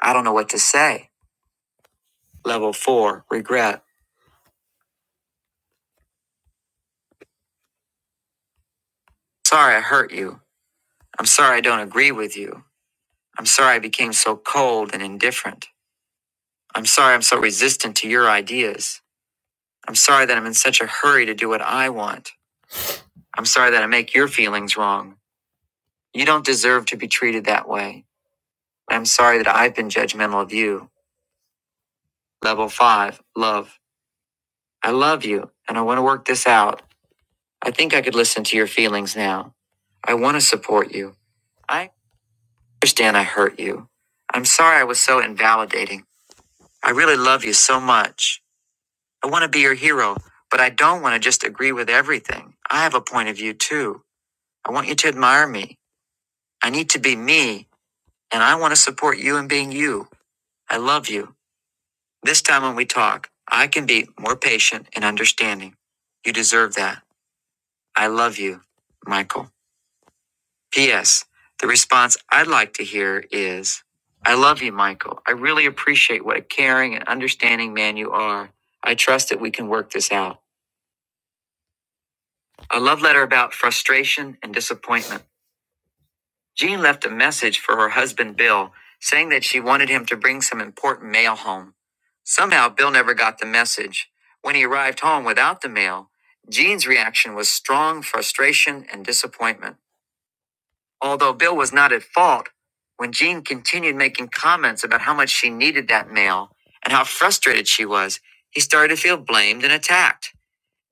A: I don't know what to say. Level four, regret. Sorry I hurt you. I'm sorry I don't agree with you. I'm sorry I became so cold and indifferent. I'm sorry I'm so resistant to your ideas. I'm sorry that I'm in such a hurry to do what I want. I'm sorry that I make your feelings wrong. You don't deserve to be treated that way. I'm sorry that I've been judgmental of you. Level five, love. I love you and I want to work this out. I think I could listen to your feelings now. I want to support you. I understand I hurt you. I'm sorry I was so invalidating. I really love you so much. I want to be your hero, but I don't want to just agree with everything. I have a point of view too. I want you to admire me. I need to be me and I want to support you in being you. I love you. This time when we talk, I can be more patient and understanding. You deserve that. I love you, Michael. P.S. The response I'd like to hear is I love you, Michael. I really appreciate what a caring and understanding man you are. I trust that we can work this out. A love letter about frustration and disappointment. Jean left a message for her husband Bill, saying that she wanted him to bring some important mail home. Somehow, Bill never got the message. When he arrived home without the mail, Jean's reaction was strong frustration and disappointment. Although Bill was not at fault, when Jean continued making comments about how much she needed that mail and how frustrated she was, he started to feel blamed and attacked.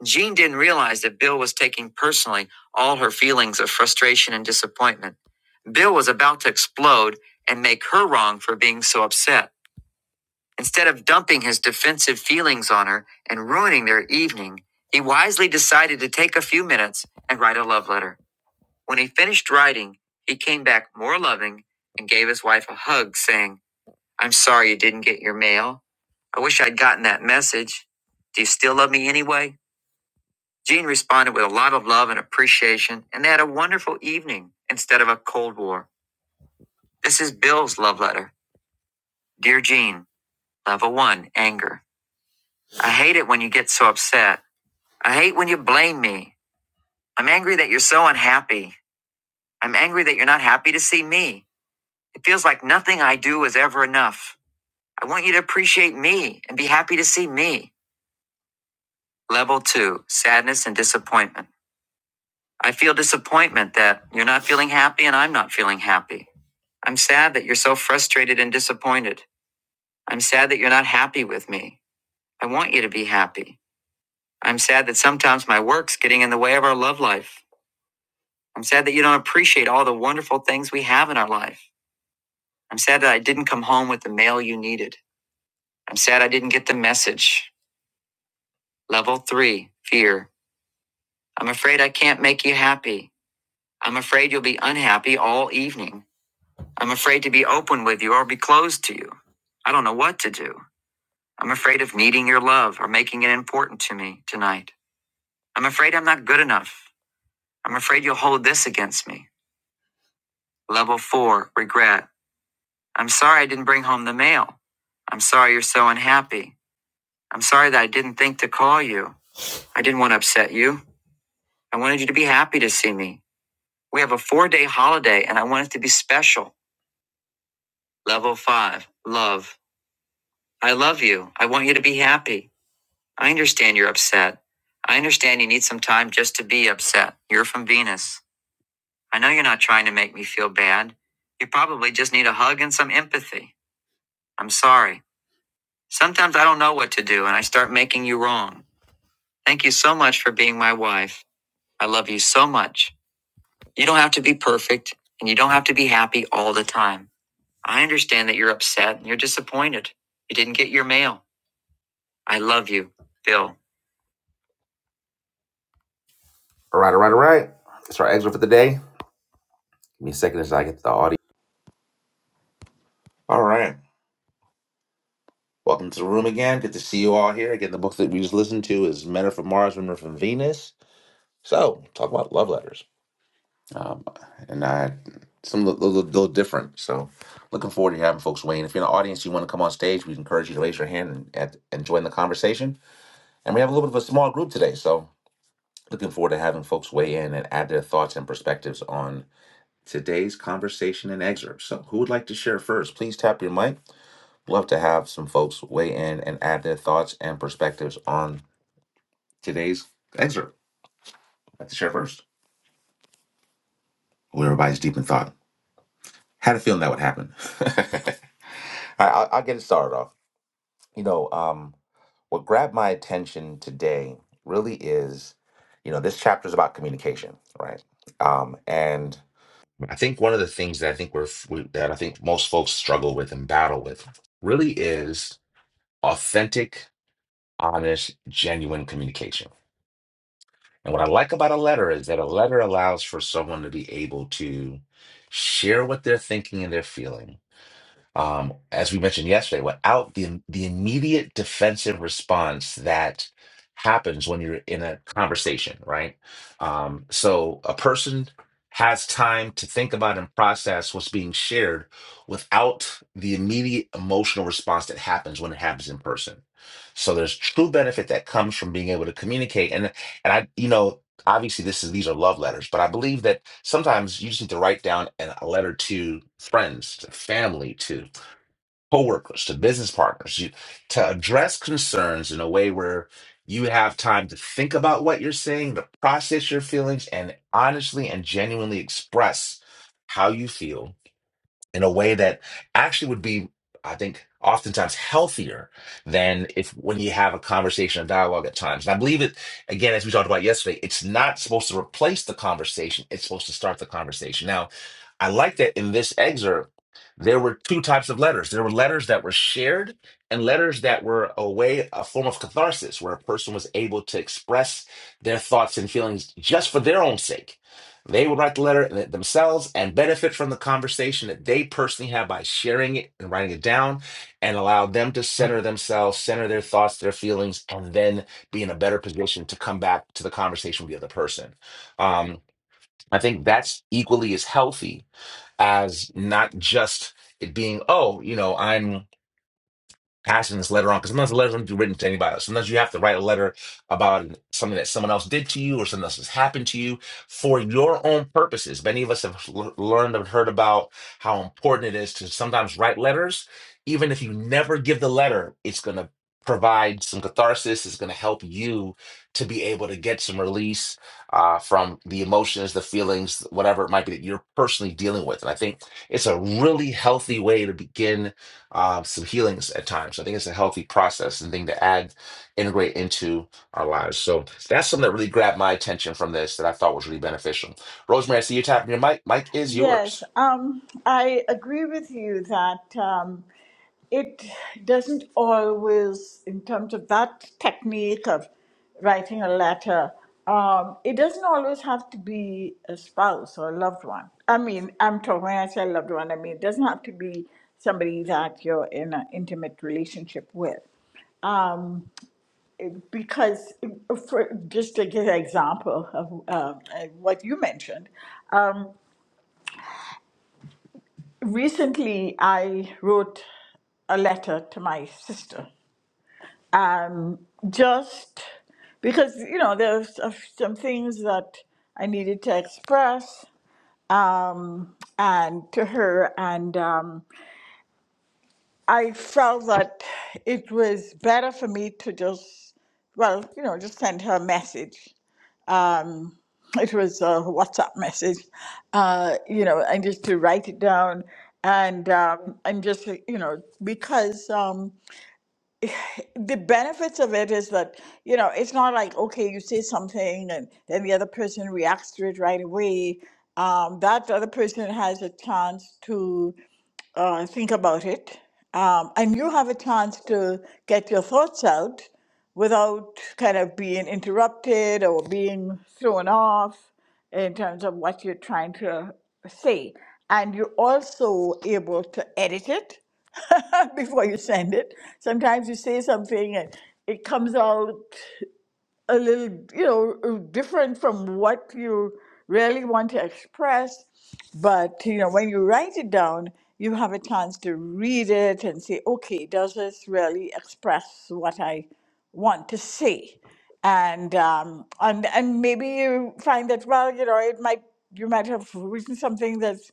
A: Jean didn't realize that Bill was taking personally all her feelings of frustration and disappointment. Bill was about to explode and make her wrong for being so upset. Instead of dumping his defensive feelings on her and ruining their evening, he wisely decided to take a few minutes and write a love letter. When he finished writing, he came back more loving and gave his wife a hug, saying, I'm sorry you didn't get your mail. I wish I'd gotten that message. Do you still love me anyway? Jean responded with a lot of love and appreciation, and they had a wonderful evening instead of a Cold War. This is Bill's love letter. Dear Jean, Level 1 Anger. I hate it when you get so upset. I hate when you blame me. I'm angry that you're so unhappy. I'm angry that you're not happy to see me. It feels like nothing I do is ever enough. I want you to appreciate me and be happy to see me. Level 2 Sadness and Disappointment. I feel disappointment that you're not feeling happy and I'm not feeling happy. I'm sad that you're so frustrated and disappointed. I'm sad that you're not happy with me. I want you to be happy. I'm sad that sometimes my work's getting in the way of our love life. I'm sad that you don't appreciate all the wonderful things we have in our life. I'm sad that I didn't come home with the mail you needed. I'm sad I didn't get the message. Level three, fear. I'm afraid I can't make you happy. I'm afraid you'll be unhappy all evening. I'm afraid to be open with you or be closed to you. I don't know what to do. I'm afraid of needing your love or making it important to me tonight. I'm afraid I'm not good enough. I'm afraid you'll hold this against me. Level four, regret. I'm sorry I didn't bring home the mail. I'm sorry you're so unhappy. I'm sorry that I didn't think to call you. I didn't want to upset you. I wanted you to be happy to see me. We have a four day holiday and I want it to be special. Level five, love. I love you. I want you to be happy. I understand you're upset. I understand you need some time just to be upset. You're from Venus. I know you're not trying to make me feel bad. You probably just need a hug and some empathy. I'm sorry. Sometimes I don't know what to do and I start making you wrong. Thank you so much for being my wife. I love you so much. You don't have to be perfect and you don't have to be happy all the time. I understand that you're upset and you're disappointed. You didn't get your mail. I love you, Bill. All right, all right, all right. That's our excerpt for the day. Give me a second as I get to the audio. All right. Welcome to the room again. Good to see you all here. Again, the book that we just listened to is Men Are From Mars, Women Are From Venus. So, talk about love letters. Um, and I, some a little, little different. So, looking forward to having folks weigh in. If you're in the audience, you want to come on stage, we encourage you to raise your hand and, and, and join the conversation. And we have a little bit of a small group today. So, looking forward to having folks weigh in and add their thoughts and perspectives on today's conversation and excerpt. So, who would like to share first? Please tap your mic Love to have some folks weigh in and add their thoughts and perspectives on today's excerpt. I'd Like to share first. Well, everybody's deep in thought. Had a feeling that would happen. I, I'll, I'll get it started off. You know, um, what grabbed my attention today really is, you know, this chapter is about communication, right? Um, and I think one of the things that I think we're f- we, that I think most folks struggle with and battle with really is authentic, honest, genuine communication And what I like about a letter is that a letter allows for someone to be able to share what they're thinking and they're feeling. Um, as we mentioned yesterday, without the the immediate defensive response that happens when you're in a conversation, right? Um, so a person has time to think about and process what's being shared without the immediate emotional response that happens when it happens in person. So there's true benefit that comes from being able to communicate. And and I, you know, obviously this is these are love letters but i believe that sometimes you just need to write down an, a letter to friends to family to coworkers to business partners you, to address concerns in a way where you have time to think about what you're saying to process your feelings and honestly and genuinely express how you feel in a way that actually would be, I think, oftentimes healthier than if when you have a conversation, a dialogue at times. And I believe it, again, as we talked about yesterday, it's not supposed to replace the conversation, it's supposed to start the conversation. Now, I like that in this excerpt, there were two types of letters. There were letters that were shared and letters that were a way, a form of catharsis, where a person was able to express their thoughts and feelings just for their own sake they would write the letter themselves and benefit from the conversation that they personally have by sharing it and writing it down and allow them to center themselves, center their thoughts, their feelings, and then be in a better position to come back to the conversation with the other person. Um, I think that's equally as healthy as not just it being, oh, you know, I'm passing this letter on because sometimes the letters don't do written to anybody else. Sometimes you have to write a letter about something that someone else did to you or something else has happened to you for your own purposes. Many of us have l- learned and heard about how important it is to sometimes write letters, even if you never give the letter. It's going to provide some catharsis. It's going to help you to be able to get some release uh, from the emotions, the feelings, whatever it might be that you're personally dealing with. And I think it's a really healthy way to begin uh, some healings at times. I think it's a healthy process and thing to add, integrate into our lives. So that's something that really grabbed my attention from this that I thought was really beneficial. Rosemary, I see you tapping your mic. Mic is
E: Yes,
A: yours.
E: um, I agree with you that um, it doesn't always, in terms of that technique of writing a letter, um, it doesn't always have to be a spouse or a loved one. I mean, I'm talking when I say loved one, I mean, it doesn't have to be somebody that you're in an intimate relationship with. Um, because for, just to give an example of um, uh, what you mentioned, um, Recently, I wrote a letter to my sister. Um, just because, you know, there's some things that I needed to express um, and to her. And um, I felt that it was better for me to just, well, you know, just send her a message um, it was a WhatsApp message, uh, you know, and just to write it down and um, and just you know because um, the benefits of it is that you know it's not like okay you say something and then the other person reacts to it right away. Um, that other person has a chance to uh, think about it. Um, and you have a chance to get your thoughts out without kind of being interrupted or being thrown off in terms of what you're trying to say. And you're also able to edit it before you send it. Sometimes you say something and it comes out a little, you know, uh, different from what you really want to express. But, you know, when you write it down, you have a chance to read it and say, okay, does this really express what I want to say? And, um, and, and maybe you find that, well, you know, it might, you might have written something that's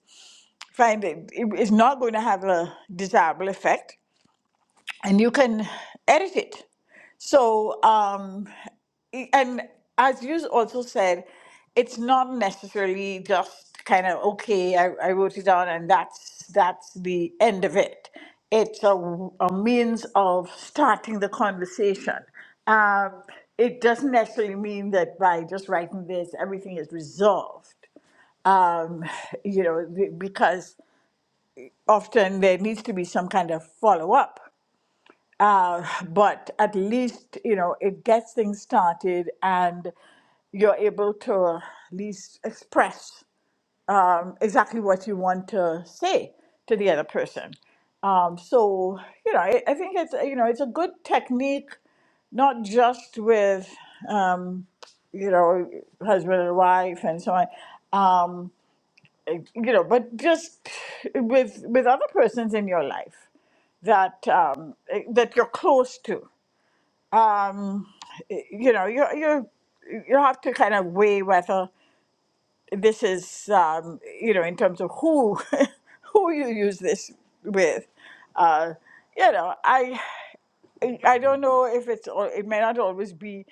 E: find it is not going to have a desirable effect and you can edit it. So, um, and as you also said, it's not necessarily just kind of okay. I, I wrote it down, and that's that's the end of it. It's a a means of starting the conversation. Um, it doesn't necessarily mean that by just writing this, everything is resolved. Um, you know, be- because often there needs to be some kind of follow up. Uh, but at least you know it gets things started, and you're able to at least express um, exactly what you want to say to the other person. Um, so you know, I, I think it's you know it's a good technique, not just with um, you know husband and wife and so on, um, you know, but just with with other persons in your life that um, that you're close to. Um, you know, you you you have to kind of weigh whether this is um, you know in terms of who who you use this with uh, you know i i don't know if it's al- it may not always be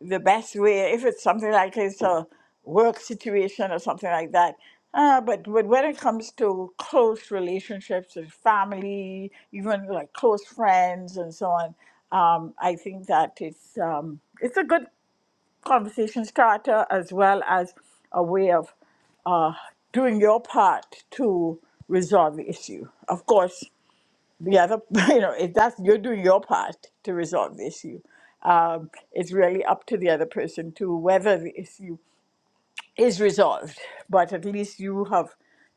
E: the best way if it's something like it's a work situation or something like that uh, but, but when it comes to close relationships and family even like close friends and so on um, i think that it's um, it's a good conversation starter as well as a way of uh, doing your part to resolve the issue. Of course, the other, you know, if that's you're doing your part to resolve the issue, um, it's really up to the other person to whether the issue is resolved. But at least you have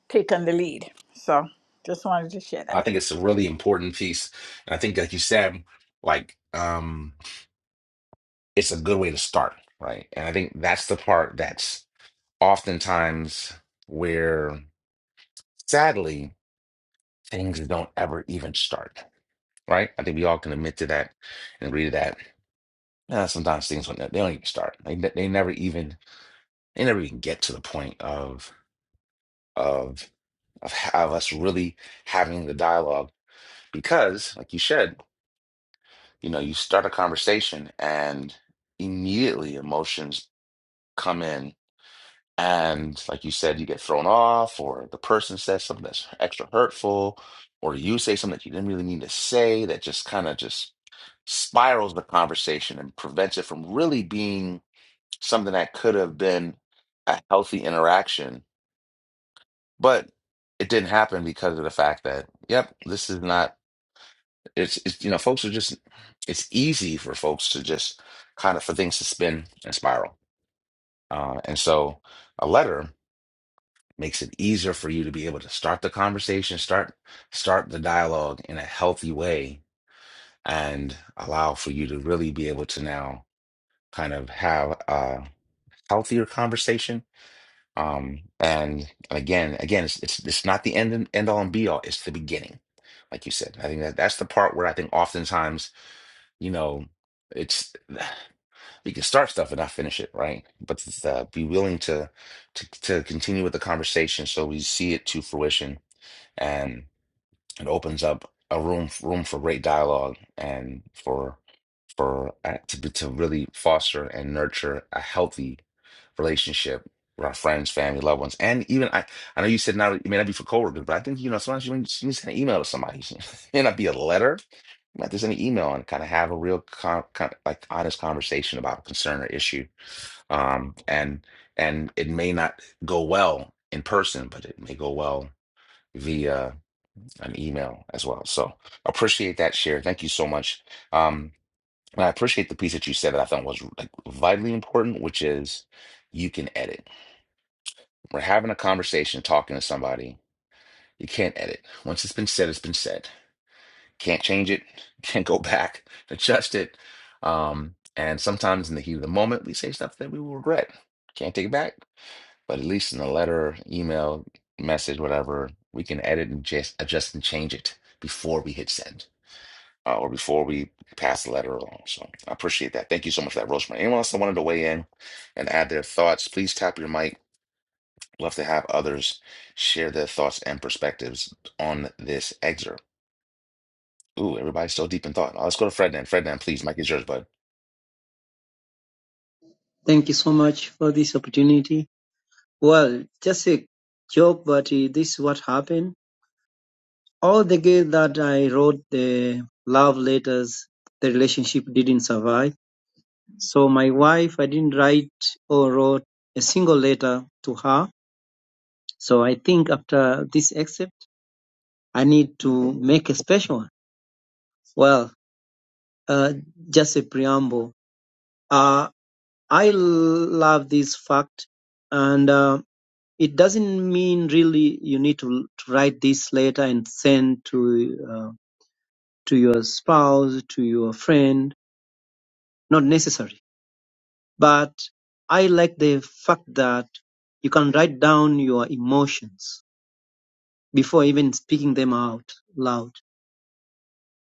E: taken the lead. So, just wanted to share
A: I
E: that.
A: think it's a really important piece. And I think, like you said, like um, it's a good way to start, right? And I think that's the part that's oftentimes where, sadly, things don't ever even start, right? I think we all can admit to that and agree to that Yeah, sometimes things when they don't even start. They ne- they never even they never even get to the point of of of, ha- of us really having the dialogue because, like you said, you know, you start a conversation and immediately emotions come in, and like you said, you get thrown off, or the person says something that's extra hurtful, or you say something that you didn't really mean to say that just kind of just spirals the conversation and prevents it from really being something that could have been a healthy interaction, but it didn't happen because of the fact that, yep, this is not, it's, it's, you know, folks are just, it's easy for folks to just kind of for things to spin and spiral. Uh, and so a letter makes it easier for you to be able to start the conversation, start, start the dialogue in a healthy way and allow for you to really be able to now kind of have a healthier conversation Um, and again, again, it's, it's it's not the end and end all and be all. It's the beginning, like you said. I think that that's the part where I think oftentimes, you know, it's we can start stuff and not finish it, right? But uh, be willing to to to continue with the conversation so we see it to fruition, and it opens up a room room for great dialogue and for for uh, to be- to really foster and nurture a healthy relationship with our friends, family, loved ones, and even I. I know you said not it may not be for coworkers, but I think you know sometimes you need you need to send an email to somebody. It may not be a letter, but just an email and kind of have a real con, con, like honest conversation about a concern or issue. Um, and and it may not go well in person, but it may go well via an email as well. So appreciate that share. Thank you so much. Um. And I appreciate the piece that you said that I thought was like vitally important, which is you can edit. We're having a conversation, talking to somebody. You can't edit. Once it's been said, it's been said. Can't change it. Can't go back, adjust it. Um, and sometimes in the heat of the moment, we say stuff that we will regret. Can't take it back. But at least in a letter, email, message, whatever, we can edit and just adjust and change it before we hit send. uh, or before we pass the letter along. So I appreciate that. Thank you so much for that, Rosemary. Anyone else that wanted to weigh in and add their thoughts, please tap your mic. Love to have others share their thoughts and perspectives on this excerpt. Ooh, everybody's still deep in thought. Now, let's go to Fred then. please. Mic is yours, bud.
F: Thank you so much for this opportunity. Well, just a joke, but uh, this is what happened. All the girls that I wrote the love letters, the relationship didn't survive. So my wife, I didn't write or wrote a single letter to her. So I think after this excerpt, I need to make a special one. Well, uh, just a preamble. Uh, I l- love this fact, and. Uh, it doesn't mean really you need to, to write this letter and send to uh, to your spouse to your friend not necessary but i like the fact that you can write down your emotions before even speaking them out loud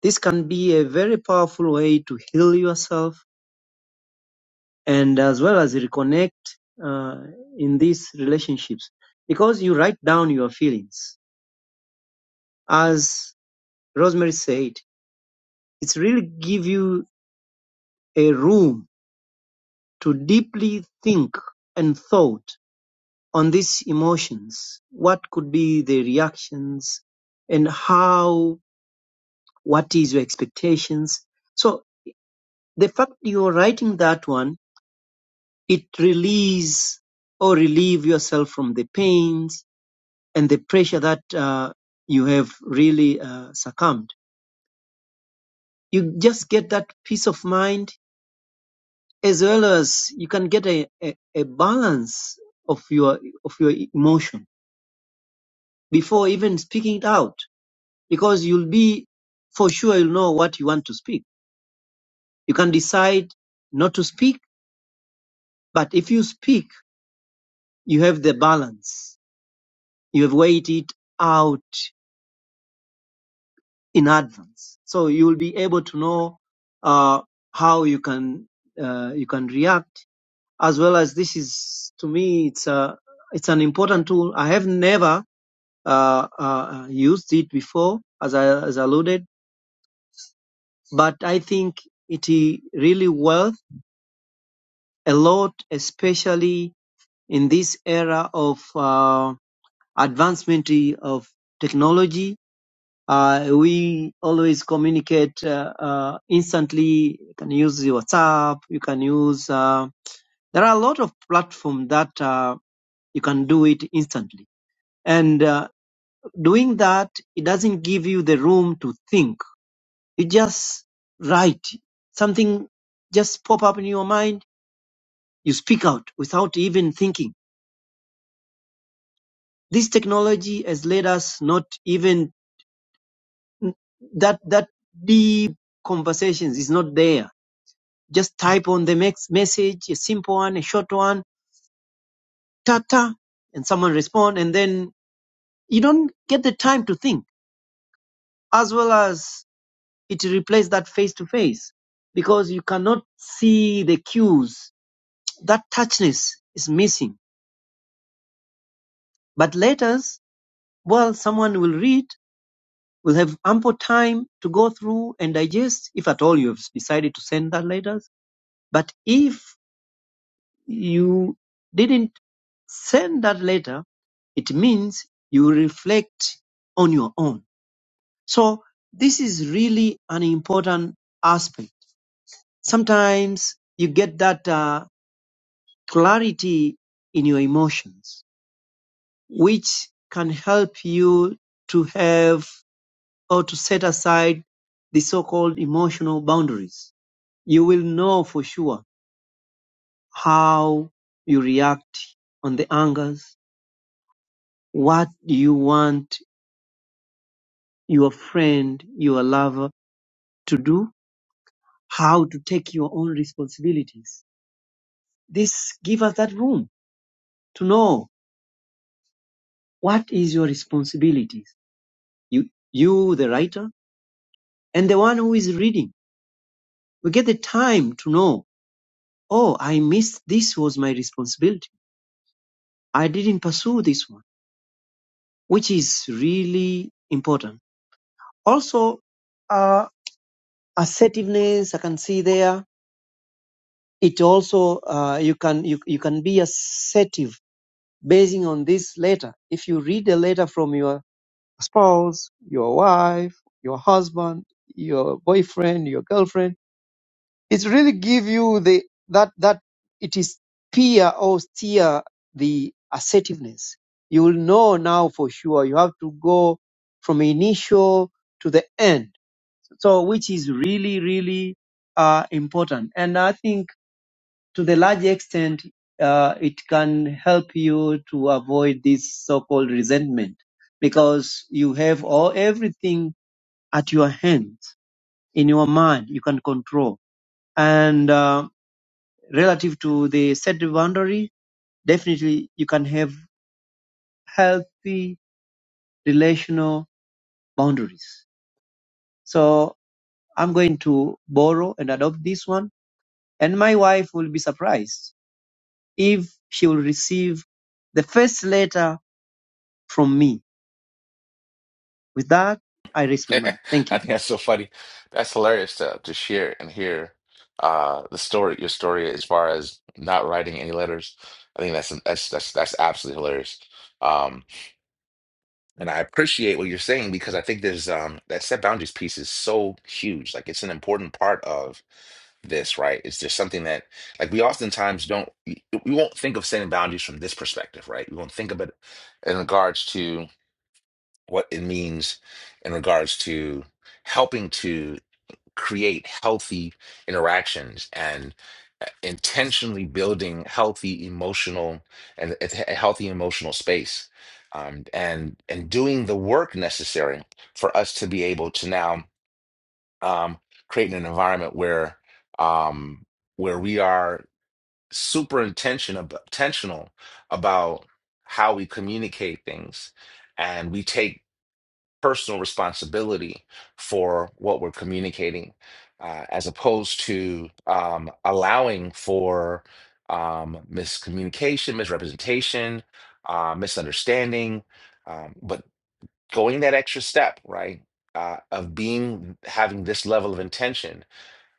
F: this can be a very powerful way to heal yourself and as well as reconnect uh, in these relationships because you write down your feelings as rosemary said It really gives you a room to deeply think and thought on these emotions. What could be the reactions and how, what is your expectations? So the fact you're writing that one, it release or relieve yourself from the pains and the pressure that uh, you have really uh, succumbed. You just get that peace of mind as well as you can get a, a, a balance of your of your emotion before even speaking it out because you'll be for sure you'll know what you want to speak you can decide not to speak but if you speak you have the balance you have weighed it out in advance so you will be able to know uh, how you can uh, you can react as well as this is to me it's a it's an important tool i have never uh, uh, used it before, as I as alluded, but I think it really worth a lot, especially in this era of uh, advancement of technology. Uh, we always communicate uh, uh, instantly. You can use WhatsApp. You can use. Uh, there are a lot of platforms that uh, you can do it instantly, and uh, doing that, it doesn't give you the room to think You just write. Something just pop up in your mind. You speak out without even thinking. This technology has led us not even that, that deep conversations is not there. Just type on the mex- message, a simple one, a short one, ta ta, and someone respond. And then you don't get the time to think as well as it replaces that face to face because you cannot see the cues. That touchness is missing But letters, well, someone will read, will have ample time to go through and digest, if at all you've decided to send that letters. But if you didn't send that letter, it means you reflect on your own. So this is really an important aspect. Sometimes you get that uh, clarity in your emotions, which can help you to have or to set aside the so-called emotional boundaries. You will know for sure how you react on the angers. What you want your friend, your lover to do? How to take your own responsibilities? This give us that room to know what is your responsibilities. You, you, the writer, and the one who is reading. We get the time to know. Oh, I missed. This was my responsibility. I didn't pursue this one. which is really important. Also, uh, assertiveness I can see there. It also uh, you can you, you can be assertive basing on this letter. If you read a letter from your spouse, your wife, your husband, your boyfriend, your girlfriend It really give you the that that it is peer or steer the assertiveness. You will know now for sure. You have to go from initial to the end. So which is really really uh, important. And I think to the large extent uh, it can help you to avoid this so-called resentment because you have all everything at your hands in your mind you can control and uh, relative to the set boundary, definitely you can have healthy relational boundaries. So I'm going to borrow and adopt this one. And my wife will be surprised if she will receive the first letter from me. With that, I raise my
A: I
F: mind. Thank you.
A: think that's so funny. That's hilarious to, to share and hear uh, the story, your story as far as not writing any letters. I think that's that's that's that's absolutely hilarious. Um And I appreciate what you're saying because I think there's um that set boundaries piece is so huge. Like it's an important part of this, right? It's just something that like we oftentimes don't we we won't think of setting boundaries from this perspective, right? We won't think of it in regards to what it means in regards to helping to create healthy interactions and uh, intentionally building healthy emotional and a healthy emotional space um, and and doing the work necessary for us to be able to now um, create an environment where um, where we are super intention ab- intentional about how we communicate things and we take personal responsibility for what we're communicating, uh, as opposed to um, allowing for um, miscommunication, misrepresentation, uh, misunderstanding, um, but going that extra step, right? Uh, of being having this level of intention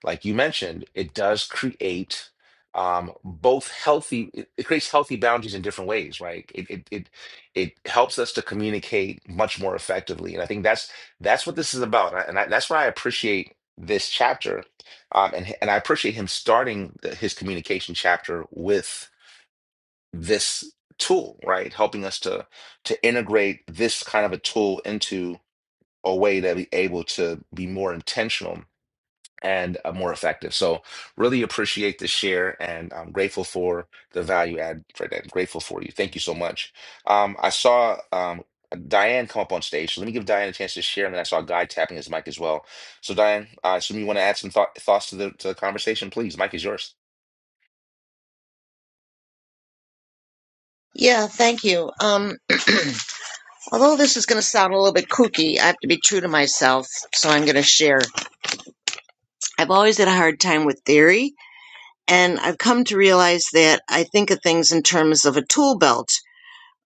A: like you mentioned, it does create um, both healthy. It, it creates healthy boundaries in different ways, right? It, it it it helps us to communicate much more effectively, and I think that's that's what this is about, and, I, and I, that's why I appreciate this chapter, um, and and I appreciate him starting the, his communication chapter with this tool, right? Helping us to to integrate this kind of a tool into a way that we able to be more intentional and uh, more effective. So really appreciate the share and I'm grateful for the value add for that. Grateful for you. Thank you so much. Um, I saw um, Diane come up on stage. So let me give Diane a chance to share. And then I saw Guy tapping his mic as well. So Diane, I assume you want to add some thought, thoughts to the, to the conversation, please. Mic is yours.
G: Yeah, thank you. Um, although this is going to sound a little bit kooky, I have to be true to myself, so I'm going to share. I've always had a hard time with theory, and I've come to realize that I think of things in terms of a tool belt.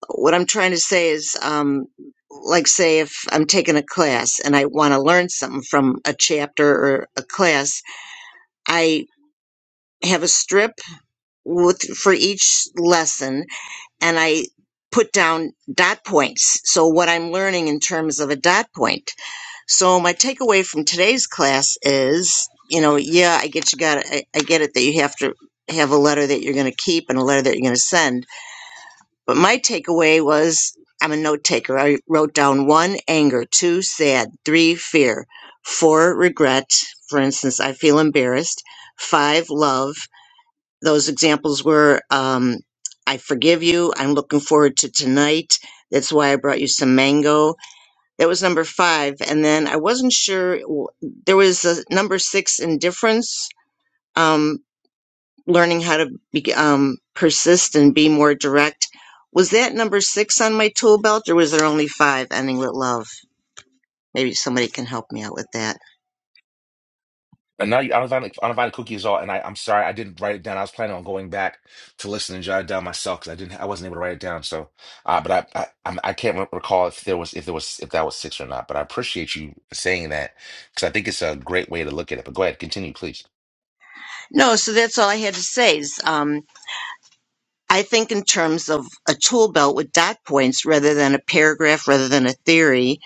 G: What I'm trying to say is, um, like, say, if I'm taking a class and I want to learn something from a chapter or a class, I have a strip with for each lesson and I put down dot points. So what I'm learning in terms of a dot point. So my takeaway from today's class is, you know, yeah, I get you got I, I get it that you have to have a letter that you're going to keep and a letter that you're going to send. But my takeaway was I'm a note taker. I wrote down one anger, two sad, three fear, four regret. For instance, I feel embarrassed. Five love, those examples were um, I Forgive You, I'm Looking Forward to Tonight. That's why I brought you some mango. That was number five. And then I wasn't sure, w- there was a number six, Indifference, um, learning how to be, um, persist and be more direct. Was that number six on my tool belt or was there only five, Ending with Love? Maybe somebody can help me out with that.
A: And now you uninvited, uninvited cookie is all. And I, I'm sorry, I didn't write it down. I was planning on going back to listen and jot it down myself because I didn't, I wasn't able to write it down. So, uh, but I, I, I'm- I can't re- recall if there was, if there was, if that was six or not. But I appreciate you saying that because I think it's a great way to look at it. But go ahead, continue, please.
G: No, so that's all I had to say. Is um, I think in terms of a tool belt with dot points rather than a paragraph, rather than a theory,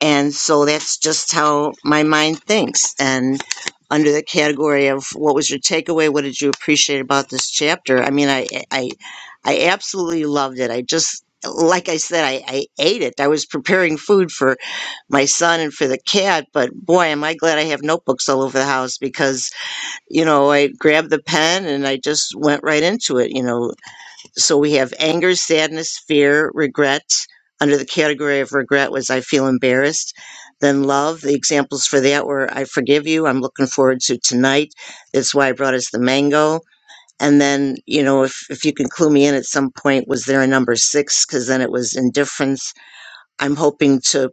G: and so that's just how my mind thinks. And under the category of what was your takeaway, what did you appreciate about this chapter? I mean, I I I absolutely loved it. I just like I said, I, I ate it. I was preparing food for my son and for the cat, but boy, am I glad I have notebooks all over the house because you know, I grabbed the pen and I just went right into it, you know. So we have anger, sadness, fear, regret. Under the category of regret was I feel embarrassed. Then love, the examples for that were I forgive you, I'm looking forward to tonight. That's why I brought us the mango. And then, you know, if, if you can clue me in at some point, was there a number six? Because then it was indifference. I'm hoping to,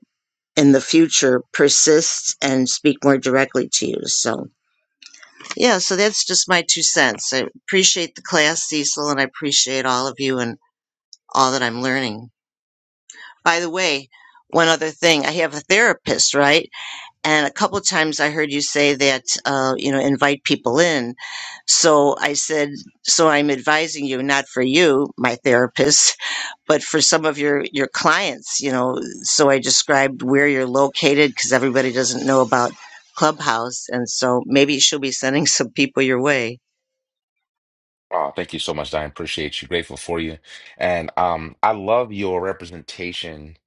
G: in the future, persist and speak more directly to you. So yeah, so that's just my two cents. I appreciate the class, Cecil, and I appreciate all of you and all that I'm learning. By the way, one other thing, I have a therapist, right? And a couple of times I heard you say that, uh, you know, invite people in. So I said, so I'm advising you, not for you, my therapist, but for some of your, your clients, you know. So I described where you're located because everybody doesn't know about Clubhouse. And so maybe she'll be sending some people your way.
A: Oh, thank you so much, Diane. Appreciate you. Grateful for you. And um, I love your representation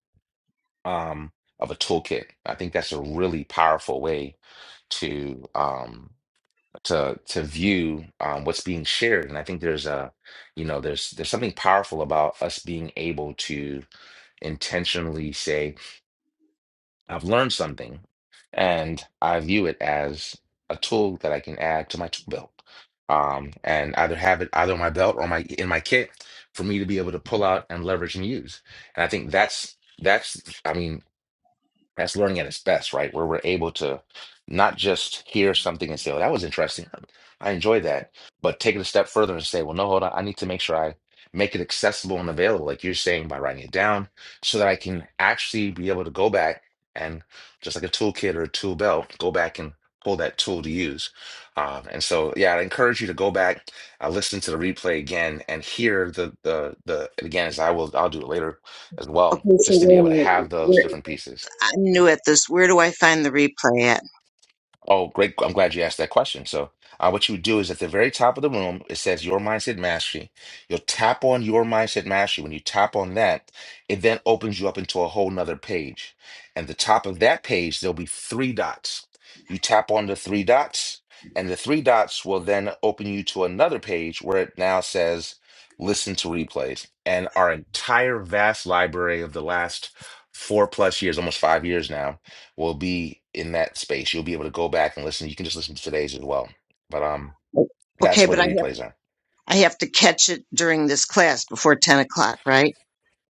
A: um of a toolkit. I think that's a really powerful way to um. to to view um, what's being shared. And I think there's a, you know, there's there's something powerful about us being able to intentionally say, I've learned something, and I view it as a tool that I can add to my tool belt. Um, and either have it either on my belt or my in my kit for me to be able to pull out and leverage and use. And I think that's that's I mean that's learning at its best, right? Where we're able to not just hear something and say, "Oh, that was interesting. I enjoy that," but take it a step further and say, "Well, no, hold on. I need to make sure I make it accessible and available, like you're saying, by writing it down, so that I can actually be able to go back and just like a toolkit or a tool belt, go back and pull that tool to use." Um, and so, yeah, I encourage you to go back, uh, listen to the replay again, and hear the the the and again as I will. I'll do it later as well,
G: Okay, so
A: just to be
G: wait a
A: able to
G: minute.
A: have those
G: Where,
A: different pieces.
G: I'm
A: Yeah.
G: new at this. Where do I find the replay at?
A: Oh, great. I'm glad you asked that question. So, uh, what you would do is at the very top of the room, it says Your Mindset Mastery. You'll tap on Your Mindset Mastery. When you tap on that, it then opens you up into a whole nother page. And the top of that page, there'll be three dots. You tap on the three dots, and the three dots will then open you to another page where it now says Listen to Replays. And our entire vast library of the last four plus years, almost five years now will be in that space. You'll be able to go back and listen. You can just listen to today's as well. But um, that's
G: Okay,
A: where
G: but
A: the
G: I have
A: replays are.
G: I have to catch it during this class before ten o'clock, right?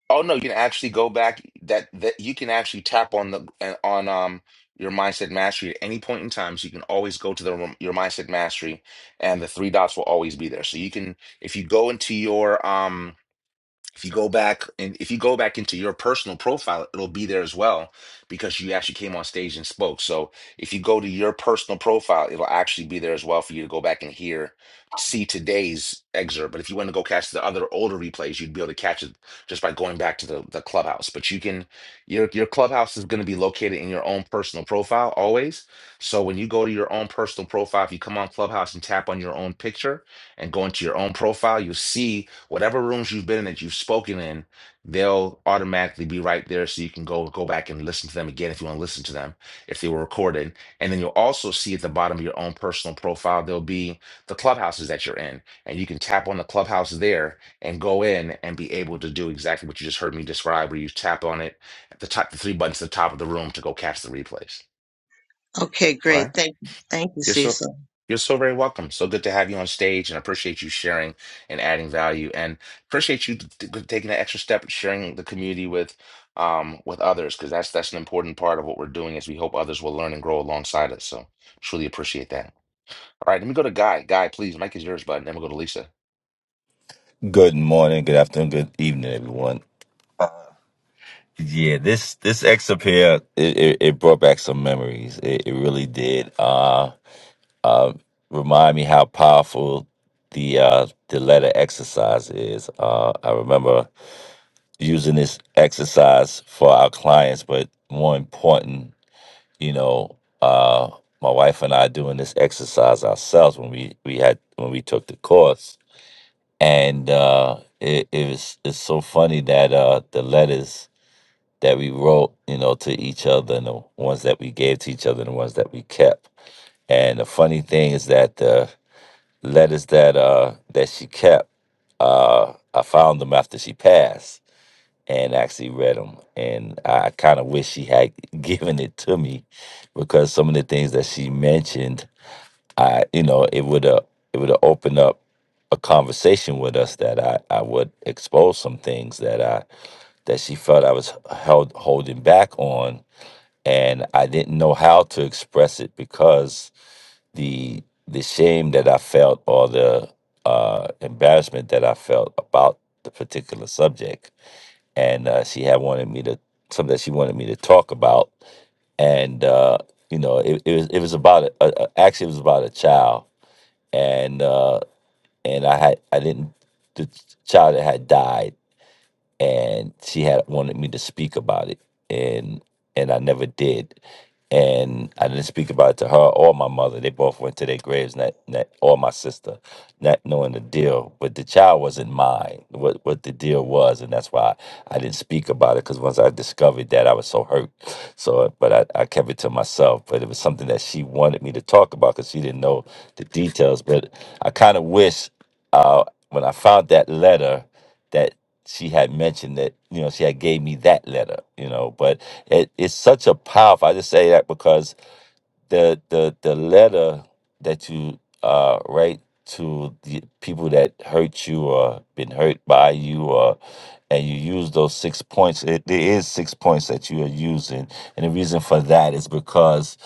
A: Oh no, you can actually go back. That that you can actually tap on the and on um your mindset mastery at any point in time. So you can always go to the rem- your mindset mastery, and the three dots will always be there. So you can if you go into your um If you go back and if you go back into your personal profile, it'll be there as well because you actually came on stage and spoke. So if you go to your personal profile, it'll actually be there as well for you to go back and hear, see today's excerpt. But if you want to go catch the other older replays, you'd be able to catch it just by going back to the, the clubhouse. But you can your your clubhouse is going to be located in your own personal profile always. So when you go to your own personal profile, if you come on Clubhouse and tap on your own picture and go into your own profile, you'll see whatever rooms you've been in that you've spoken in, they'll automatically be right there so you can go go back and listen to them again if you want to listen to them if they were recorded. And then you'll also see at the bottom of your own personal profile there'll be the clubhouses that you're in and you can tap on the clubhouse there and go in and be able to do exactly what you just heard me describe where you tap on it at the top the three buttons at the top of the room to go catch the replays.
G: Okay,
A: All right.
G: great. Thank you. Thank you,
A: You're so
G: Cecil.
A: you're so very welcome. So good to have you on stage, and I appreciate you sharing and adding value, and appreciate you t- t- taking the extra step and sharing the community with um with others because that's that's an important part of what we're doing is we hope others will learn and grow alongside us. So truly appreciate that. All right, let me go to Guy. Guy, please, Mike is yours, bud. And then we'll go to Lisa.
H: Good morning, good afternoon, good evening, everyone. Yeah, this this excerpt here, it, it, it brought back some memories. It, it really did. Uh, uh, remind me how powerful the uh, the letter exercise is. Uh, I remember using this exercise for our clients, but more important, you know, uh, my wife and I doing this exercise ourselves when we we had when we took the course and uh, it, it was it's so funny that uh, the letters that we wrote, you know, to each other, and the ones that we gave to each other, and the ones that we kept. And the funny thing is that the letters that uh, that she kept, uh, I found them after she passed and actually read them. And I kind of wish she had given it to me because some of the things that she mentioned I, you know, it would uh, it would open up a conversation with us that I, I would expose some things that I that she felt I was held holding back on, and I didn't know how to express it because the the shame that I felt or the uh, embarrassment that I felt about the particular subject, and uh, she had wanted me to something that she wanted me to talk about, and uh, you know, it, it was it was about a, a, actually it was about a child and uh, and I had I didn't the child that had died and she had wanted me to speak about it and and I never did. And I didn't speak about it to her or my mother. They both went to their graves, not, not or my sister, not knowing the deal. But the child wasn't mine. What what the deal was, and that's why I didn't speak about it. Because once I discovered that, I was so hurt. So, but I, I kept it to myself. But it was something that she wanted me to talk about because she didn't know the details. But I kind of wish uh, when I found that letter that she had mentioned that you know she had gave me that letter you know but it, it's such a powerful i just say that because the the the letter that you uh write to the people that hurt you or been hurt by you or and you use those six points it, there is six points that you are using and the reason for that is because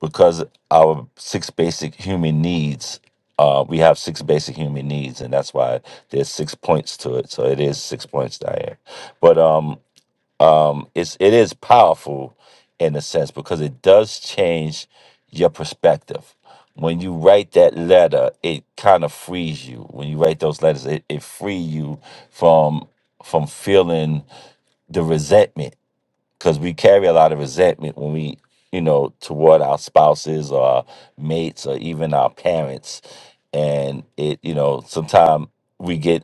H: because our six basic human needs uh we have six basic human needs and that's why there's six points to it so it is six points diane but um um, it's it is powerful in a sense because it does change your perspective. When you write that letter, it kind of frees you. When you write those letters, it, it free you from from feeling the resentment because we carry a lot of resentment when we you know toward our spouses or our mates or even our parents and it you know sometimes we get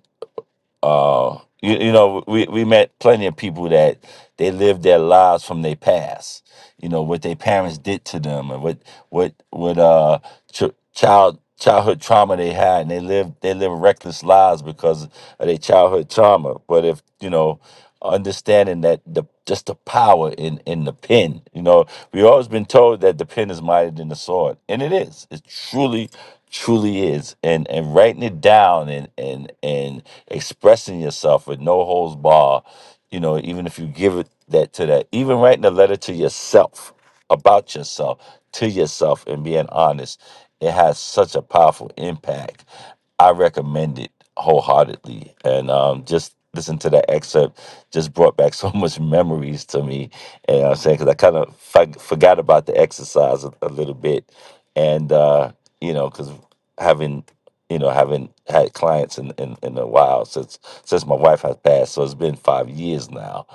H: uh, you, you know, we, we met plenty of people that they lived their lives from their past. You know what their parents did to them, and what what what uh ch- child childhood trauma they had, and they lived they live reckless lives because of their childhood trauma. But if you know understanding that the just the power in in the pen. You know, we've always been told that the pen is mightier than the sword, and it is. It truly, truly is. And and writing it down and and and expressing yourself with no holds bar. You know, even if you give it that to that, even writing a letter to yourself about yourself to yourself and being honest, it has such a powerful impact. I recommend it wholeheartedly. And um, just listen to that excerpt just brought back so much memories to me. And I'm saying, because I kind of f- forgot about the exercise a, a little bit. And, uh, you know, because having you know, I haven't had clients in, in, in a while since since my wife has passed. So it's been five years now,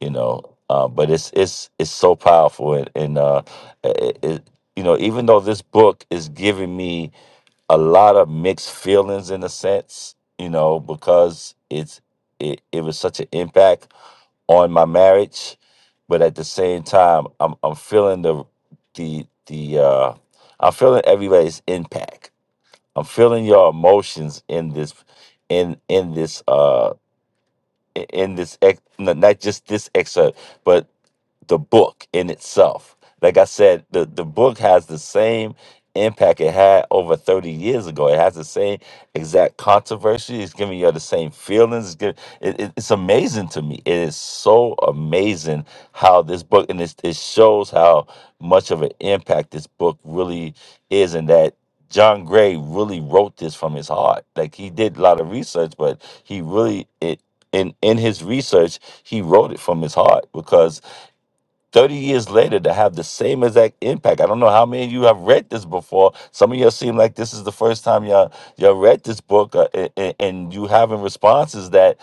H: you know. Uh, but it's it's it's so powerful, and, and uh, it, it, you know, even though this book is giving me a lot of mixed feelings in a sense, you know, because it's it, it was such an impact on my marriage, but at the same time, I'm I'm feeling the the the uh, I'm feeling everybody's impact I'm feeling your emotions in this in in this uh i- in this ex- no, not just this excerpt but the book in itself like i said the, the book has the same impact it had over 30 years ago it has the same exact controversy it's giving you the same feelings it's, giv it, it- it's amazing to me it is so amazing how this book and it, it shows how much of an impact this book really is and that John Gray really wrote this from his heart. Like he did a lot of research, but he really it in in his research he wrote it from his heart because 30 years later to have the same exact impact. I don't know how many of you have read this before. Some of y'all seem like this is the first time y'all y'all read this book, uh, a- a- and you having responses that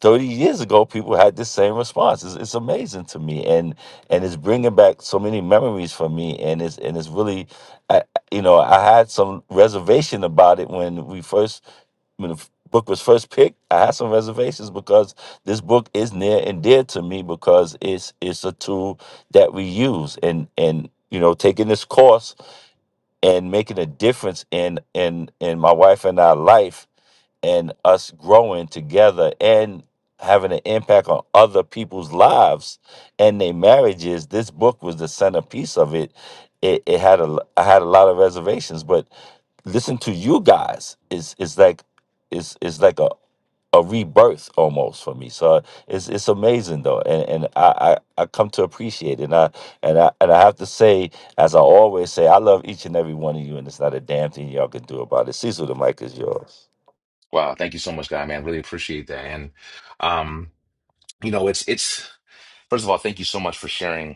H: 30 years ago people had the same response. It's, it's amazing to me, and and it's bringing back so many memories for me, and it's and it's really, I, you know, I had some reservation about it when we first when the f- book was first picked, I had some reservations because this book is near and dear to me because it's it's a tool that we use and and you know taking this course and making a difference in in in my wife and our life and us growing together and having an impact on other people's lives and their marriages. This book was the centerpiece of it. It, it had a l- I had a lot of reservations, but listen to you guys is is like is is like a a rebirth almost for me. So it's it's amazing though, and and I, I I come to appreciate it. And I and I and I have to say, as I always say, I love each and every one of you, and it's not a damn thing y'all can do about it. Cecil, the mic is yours.
A: Wow, thank you so much, Guy, man. Really appreciate that. And um, you know, it's it's first of all, thank you so much for sharing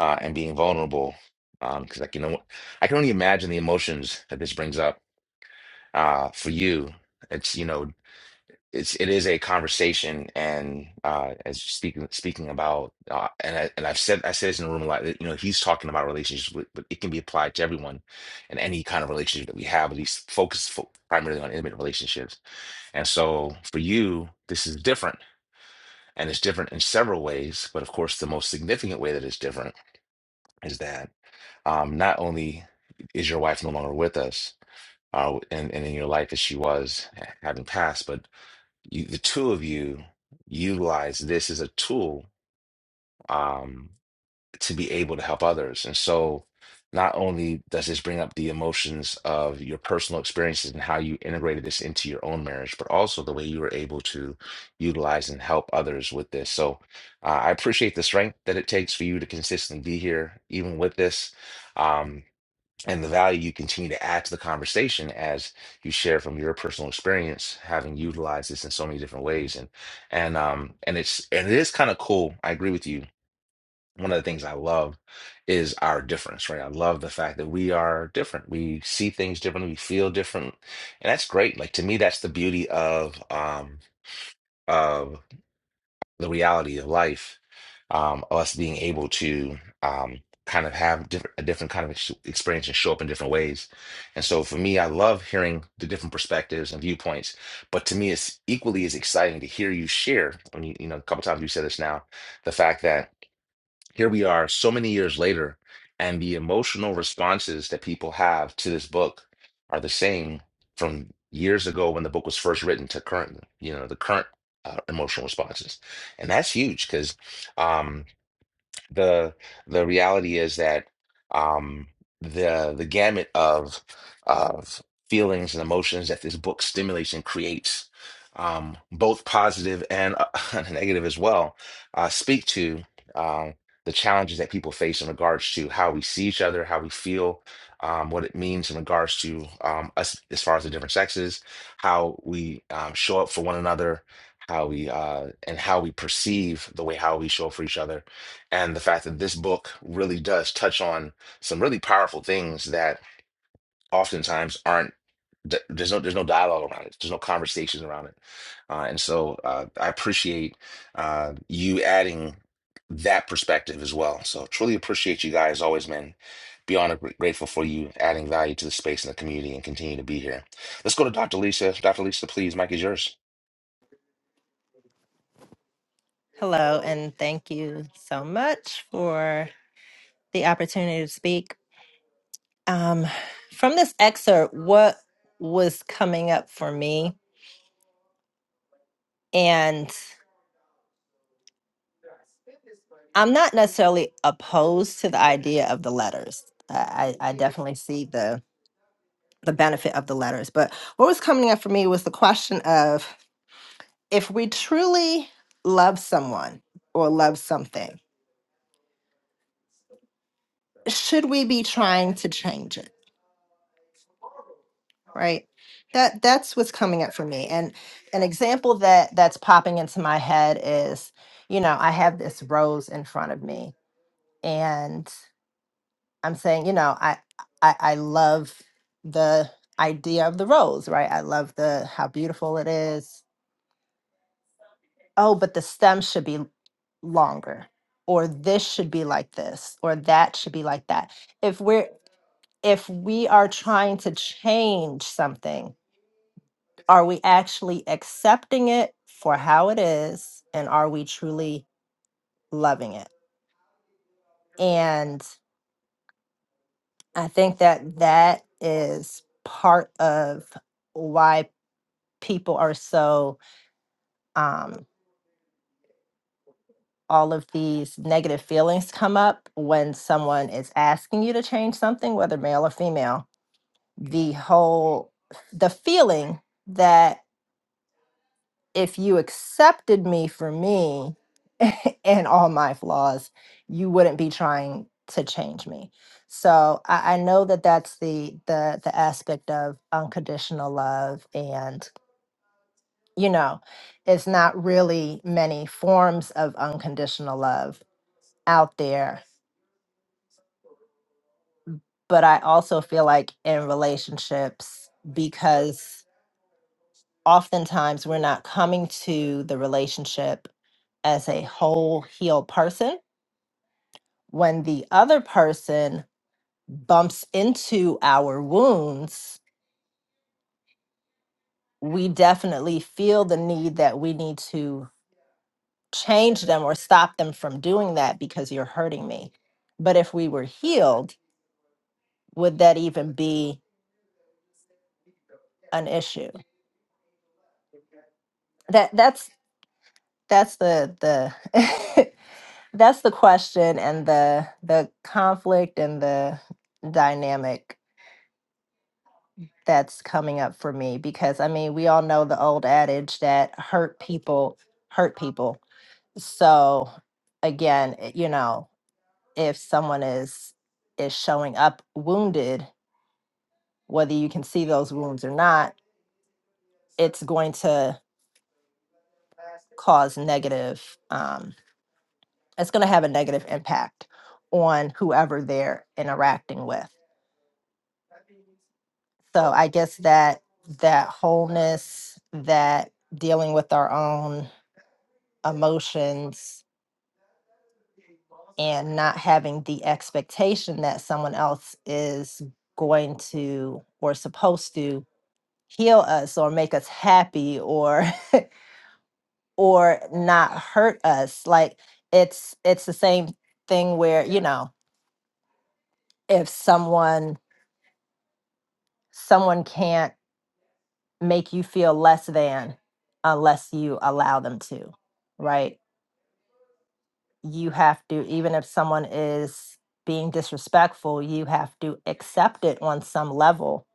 A: uh and being vulnerable. Um, because like you know, I can only imagine the emotions that this brings up uh, for you. It's you know, it's it is a conversation, and uh, as speaking speaking about, uh, and I, and I've said I said this in the room a lot. that, You know, he's talking about relationships, but, but it can be applied to everyone and any kind of relationship that we have. But he's focused fo primarily on intimate relationships, and so for you, this is different, and it's different in several ways. But of course, the most significant way that it's different is that um, not only is your wife no longer with us, uh, and, and in your life as she was having passed, but you, the two of you utilize this as a tool um, to be able to help others. And so, not only does this bring up the emotions of your personal experiences and how you integrated this into your own marriage, but also the way you were able to utilize and help others with this. So, uh, I appreciate the strength that it takes for you to consistently be here, even with this. Um, and the value you continue to add to the conversation as you share from your personal experience having utilized this in so many different ways and and um and it's and it is kind of cool i agree with you one of the things i love is our difference right i love the fact that we are different we see things differently we feel different and that's great like to me that's the beauty of um of the reality of life, um, us being able to um, kind of have different, a different kind of ex- experience and show up in different ways. And so for me, I love hearing the different perspectives and viewpoints. But to me, it's equally as exciting to hear you share. When you, you know, a couple times you said this now, the fact that here we are so many years later, and the emotional responses that people have to this book are the same from years ago when the book was first written to current, you know, the current uh, emotional responses. And that's huge because um, the the reality is that um the the gamut of of feelings and emotions that this book stimulates and creates um both positive and uh, negative as well uh speak to um the challenges that people face in regards to how we see each other how we feel um what it means in regards to um us as far as the different sexes how we um, show up for one another how we uh and how we perceive the way how we show up for each other and the fact that this book really does touch on some really powerful things that oftentimes aren't th- there's no there's no dialogue around it there's no conversations around it uh, and so uh, i appreciate uh, you adding that perspective as well so truly appreciate you guys always man beyond gr- grateful for you adding value to the space and the community and continue to be here let's go to dr lisa dr lisa please mike is yours
C: Hello, and thank you so much for the opportunity to speak. Um, from this excerpt, what was coming up for me, and I'm not necessarily opposed to the idea of the letters. I, I I definitely see the the benefit of the letters, but what was coming up for me was the question of if we truly love someone or love something should we be trying to change it right that that's what's coming up for me and an example that that's popping into my head is you know i have this rose in front of me and i'm saying you know i i, I love the idea of the rose right i love the how beautiful it is oh, but the stem should be longer, or this should be like this, or that should be like that. If we're if we are trying to change something, are we actually accepting it for how it is, and are we truly loving it? And I think that that is part of why people are so um, all of these negative feelings come up when someone is asking you to change something whether male or female the whole the feeling that if you accepted me for me and all my flaws you wouldn't be trying to change me so I, I know that that's the the the aspect of unconditional love and you know it's not really many forms of unconditional love out there but I also feel like in relationships, because oftentimes we're not coming to the relationship as a whole healed person. When the other person bumps into our wounds, we definitely feel the need that we need to change them or stop them from doing that because you're hurting me. But if we were healed, would that even be an issue? That that's that's the the That's the question and the the conflict and the dynamic that's coming up for me because I mean, we all know the old adage that hurt people hurt people. So again, it- you know, if someone is is showing up wounded, whether you can see those wounds or not, it's going to cause negative um it's going to have a negative impact on whoever they're interacting with. so i guess that that wholeness that dealing with our own emotions and not having the expectation that someone else is going to or supposed to heal us or make us happy or or not hurt us like it's it's the same thing where you know if someone someone can't make you feel less than unless you allow them to right you have to even if someone is being disrespectful you have to accept it on some level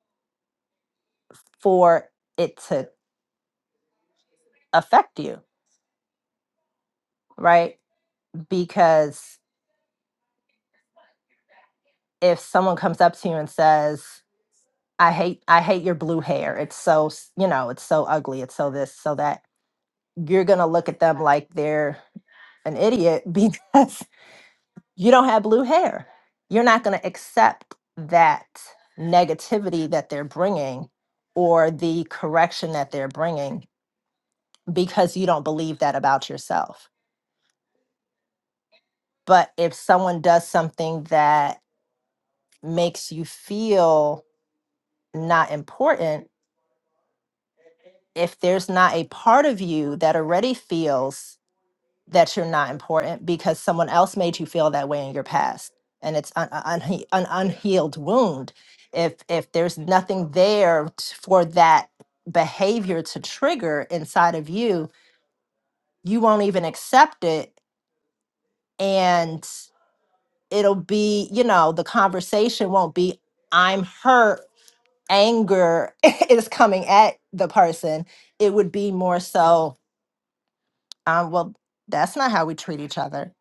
C: for it to affect you right because if someone comes up to you and says i hate i hate your blue hair it's so s- you know it's so ugly it's so this so that you're going to look at them like they're an idiot because you don't have blue hair. You're not going to accept that negativity that they're bringing or the correction that they're bringing because you don't believe that about yourself. But if someone does something that makes you feel not important, if there's not a part of you that already feels that you're not important because someone else made you feel that way in your past and it's an, an, unhe- an unhealed wound if if there's nothing there t- for that behavior to trigger inside of you you won't even accept it and it'll be you know the conversation won't be i'm hurt anger is coming at the person it would be more so um, well that's not how we treat each other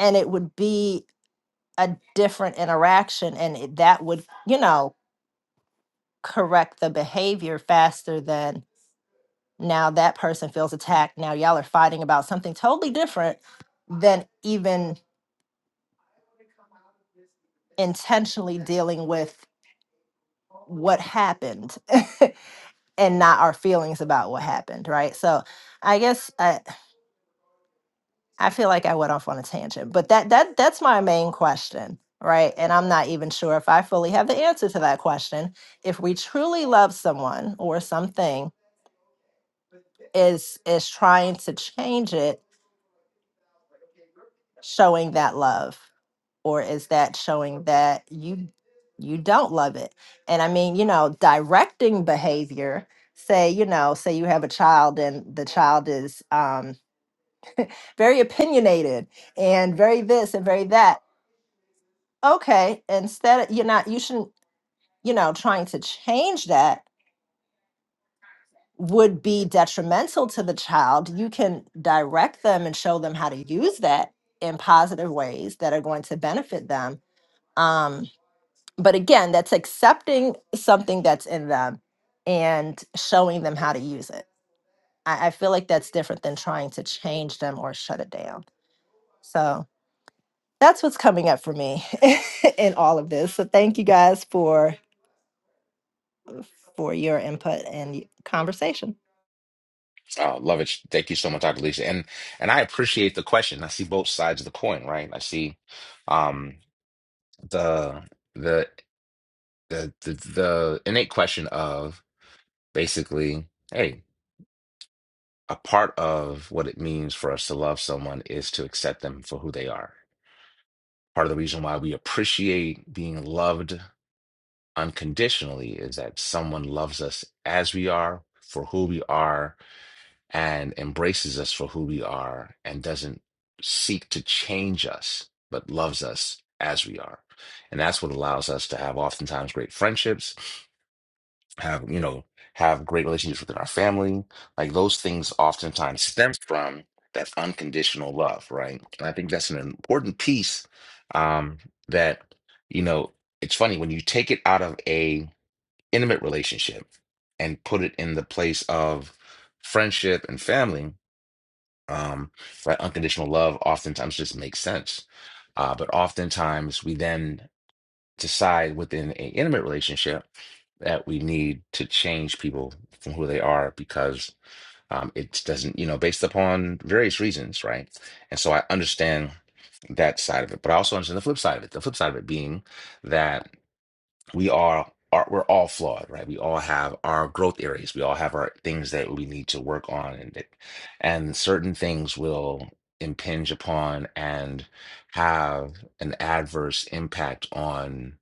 C: and it would be a different interaction and it- that would you know correct the behavior faster than now that person feels attacked now y'all are fighting about something totally different than even intentionally dealing with what happened and not our feelings about what happened right so i guess i i feel like i went off on a tangent but that that that's my main question right and i'm not even sure if i fully have the answer to that question if we truly love someone or something is is trying to change it showing that love or is that showing that you you don't love it and i mean you know directing behavior say you know say you have a child and the child is um very opinionated and very this and very that okay instead of you're not you shouldn't you know trying to change that would be detrimental to the child, you can direct them and show them how to use that in positive ways that are going to benefit them. Um, but again, that's accepting something that's in them and showing them how to use it. I, I feel like that's different than trying to change them or shut it down. So that's what's coming up for me in all of this. So thank you guys for for your input and conversation.
A: Oh, love it. Thank you so much, Dr. Lisa. And and I appreciate the question. I see both sides of the coin, right? I see um the the the the, the innate question of basically, hey, a part of what it means for us to love someone is to accept them for who they are. Part of the reason why we appreciate being loved unconditionally is that someone loves us as we are, for who we are, and embraces us for who we are and doesn't seek to change us, but loves us as we are. And that's what allows us to have oftentimes great friendships, have, you know, have great relationships within our family. Like those things oftentimes stem from that unconditional love, right? And I think that's an important piece um, that, you know, it's funny when you take it out of a intimate relationship and put it in the place of friendship and family um, right? Unconditional love oftentimes just makes sense. Uh, but oftentimes we then decide within an intimate relationship that we need to change people from who they are because um, it doesn't, you know, based upon various reasons, right? And so I understand that side of it, but I also understand the flip side of it. The flip side of it being that we are are we're all flawed, right? We all have our growth areas. We all have our things that we need to work on, and that- and certain things will impinge upon and have an adverse impact on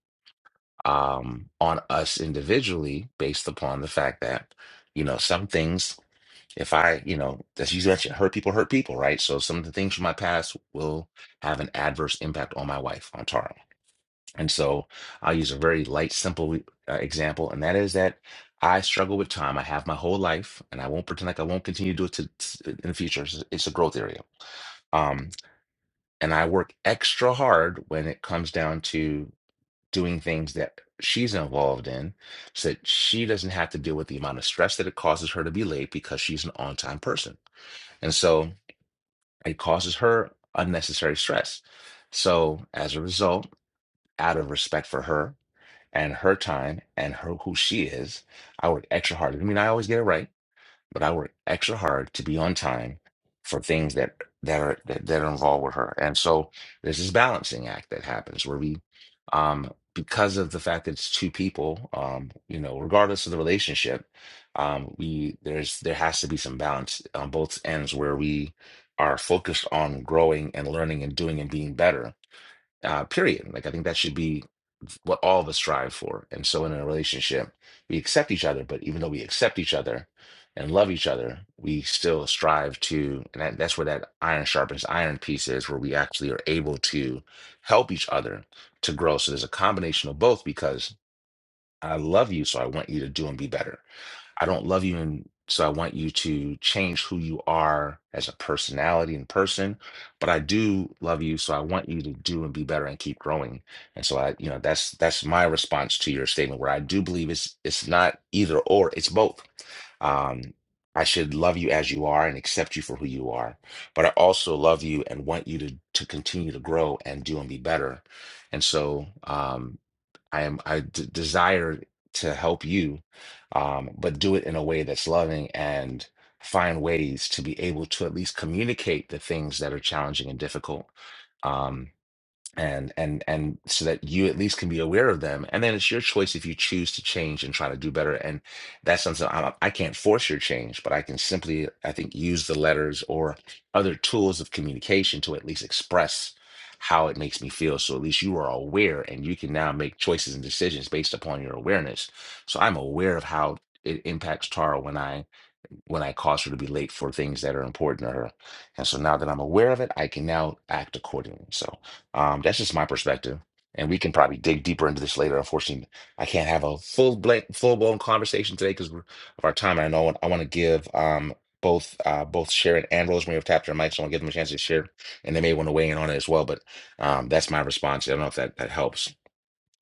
A: um on us individually based upon the fact that you know some things if i you know as you mentioned hurt people hurt people right so some of the things from my past will have an adverse impact on my wife on tara and so I'll use a very light, simple e, uh, example, and that is that I struggle with time. I have my whole life, and I won't pretend like I won't continue to do it to, to- in the future. It's, it's a growth area. Um, and I work extra hard when it comes down to doing things that she's involved in so that she doesn't have to deal with the amount of stress that it causes her to be late because she's an on time person. And so it causes her unnecessary stress. So as a result, out of respect for her, and her time and her who she is. I work extra hard. I mean, I always get it right, but I work extra hard to be on time for things that that are that, that are involved with her. And so there's this balancing act that happens where we, um, because of the fact that it's two people, um, you know, regardless of the relationship, um, we there's there has to be some balance on both ends where we are focused on growing and learning and doing and being better uh, period. Like I think that should be what all of us strive for. And so in a relationship, we accept each other, but even though we accept each other and love each other, we still strive to, and that, that's where that iron sharpens iron piece is, where we actually are able to help each other to grow. So there's a combination of both because I love you, so I want you to do and be better. I don't love you. And so I want you to change who you are as a personality and person, but I do love you. So I want you to do and be better and keep growing. And so I, you know, that's, that's my response to your statement where I do believe it's, it's not either or it's both. Um, I should love you as you are and accept you for who you are, but I also love you and want you to to continue to grow and do and be better. And so, um, I am I d- desire to help you, um, but do it in a way that's loving and find ways to be able to at least communicate the things that are challenging and difficult. Um, and and and so that you at least can be aware of them and then it's your choice if you choose to change and try to do better and that's something I, I can't force your change but i can simply i think use the letters or other tools of communication to at least express how it makes me feel so at least you are aware and you can now make choices and decisions based upon your awareness so i'm aware of how it impacts tara when i when i cause her to be late for things that are important to her and so now that i'm aware of it i can now act accordingly so um, that's just my perspective. And we can probably dig deeper into this later. Unfortunately, I can't have a full blank, full blown conversation today because of our time. And I know I want to give um, both uh, both Sharon and Rosemary have tapped their mics. So I want to give them a chance to share, and they may want to weigh in on it as well. But um, that's my response. I don't know if that that helps.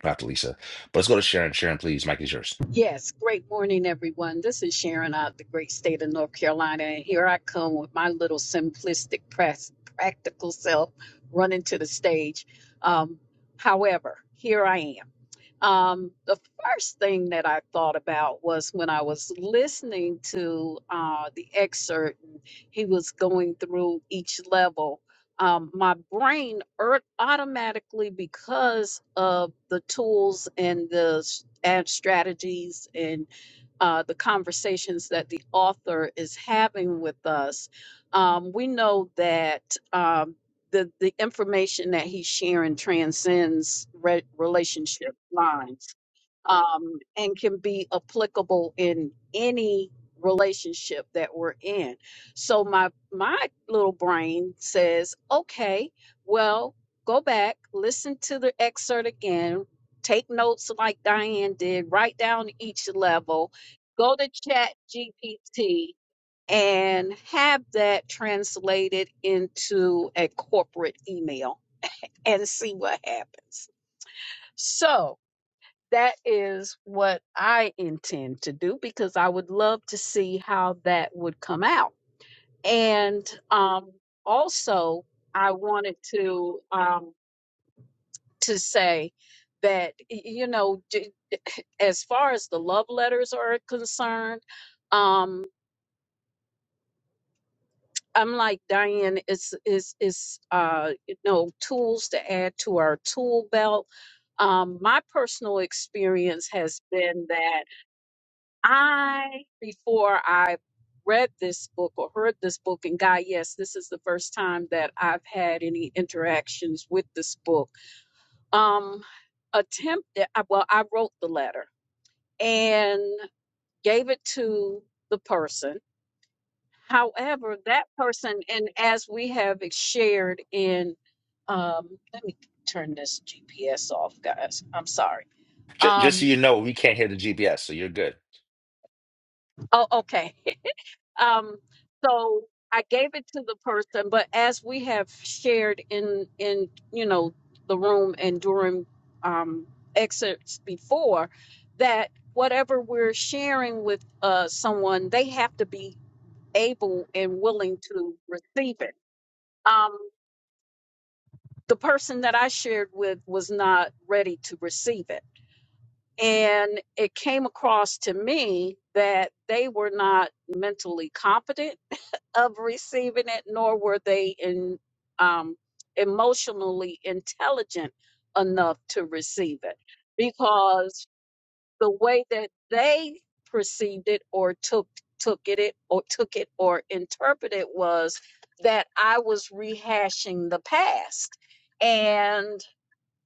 A: After Lisa, but let's go to Sharon. Sharon, please, Mike is yours.
D: Yes, great morning, everyone. This is Sharon out of the great state of North Carolina, and here I come with my little simplistic, press, practical self running to the stage. Um, however, here I am. Um, the first thing that I thought about was when I was listening to uh, the excerpt, and he was going through each level. Um, my brain er- automatically, because of the tools and the s- and strategies and uh, the conversations that the author is having with us, um, we know that um, the the information that he's sharing transcends re- relationship lines um, and can be applicable in any relationship that we're in. So my my little brain says, okay, well, go back, listen to the excerpt again, take notes like Diane did, write down each level, go to Chat GPT and have that translated into a corporate email and see what happens. So that is what I intend to do because I would love to see how that would come out. And um, also, I wanted to um, to say that y- you know, d- as far as the love letters are concerned, um, I'm like Diane. It's is is uh, you know tools to add to our tool belt. Um, my personal experience has been that. I, before I read this book or heard this book, and God, yes, this is the first time that I've had any interactions with this book. Um, attempted, I- well, I wrote the letter and gave it to the person. However, that person, and as we have shared in, um, let me turn this GPS off, guys. I'm sorry.
A: Just, just so
D: Um,
A: you know, we can't hear the GPS, so you're good.
D: oh, okay. um so i gave it to the person but as we have shared in in you know the room and during um excerpts before that whatever we're sharing with uh someone they have to be able and willing to receive it um the person that i shared with was not ready to receive it and it came across to me that they were not mentally competent of receiving it, nor were they in, um, emotionally intelligent enough to receive it because the way that they perceived it or took took it, it or took it or interpreted it was that I was rehashing the past and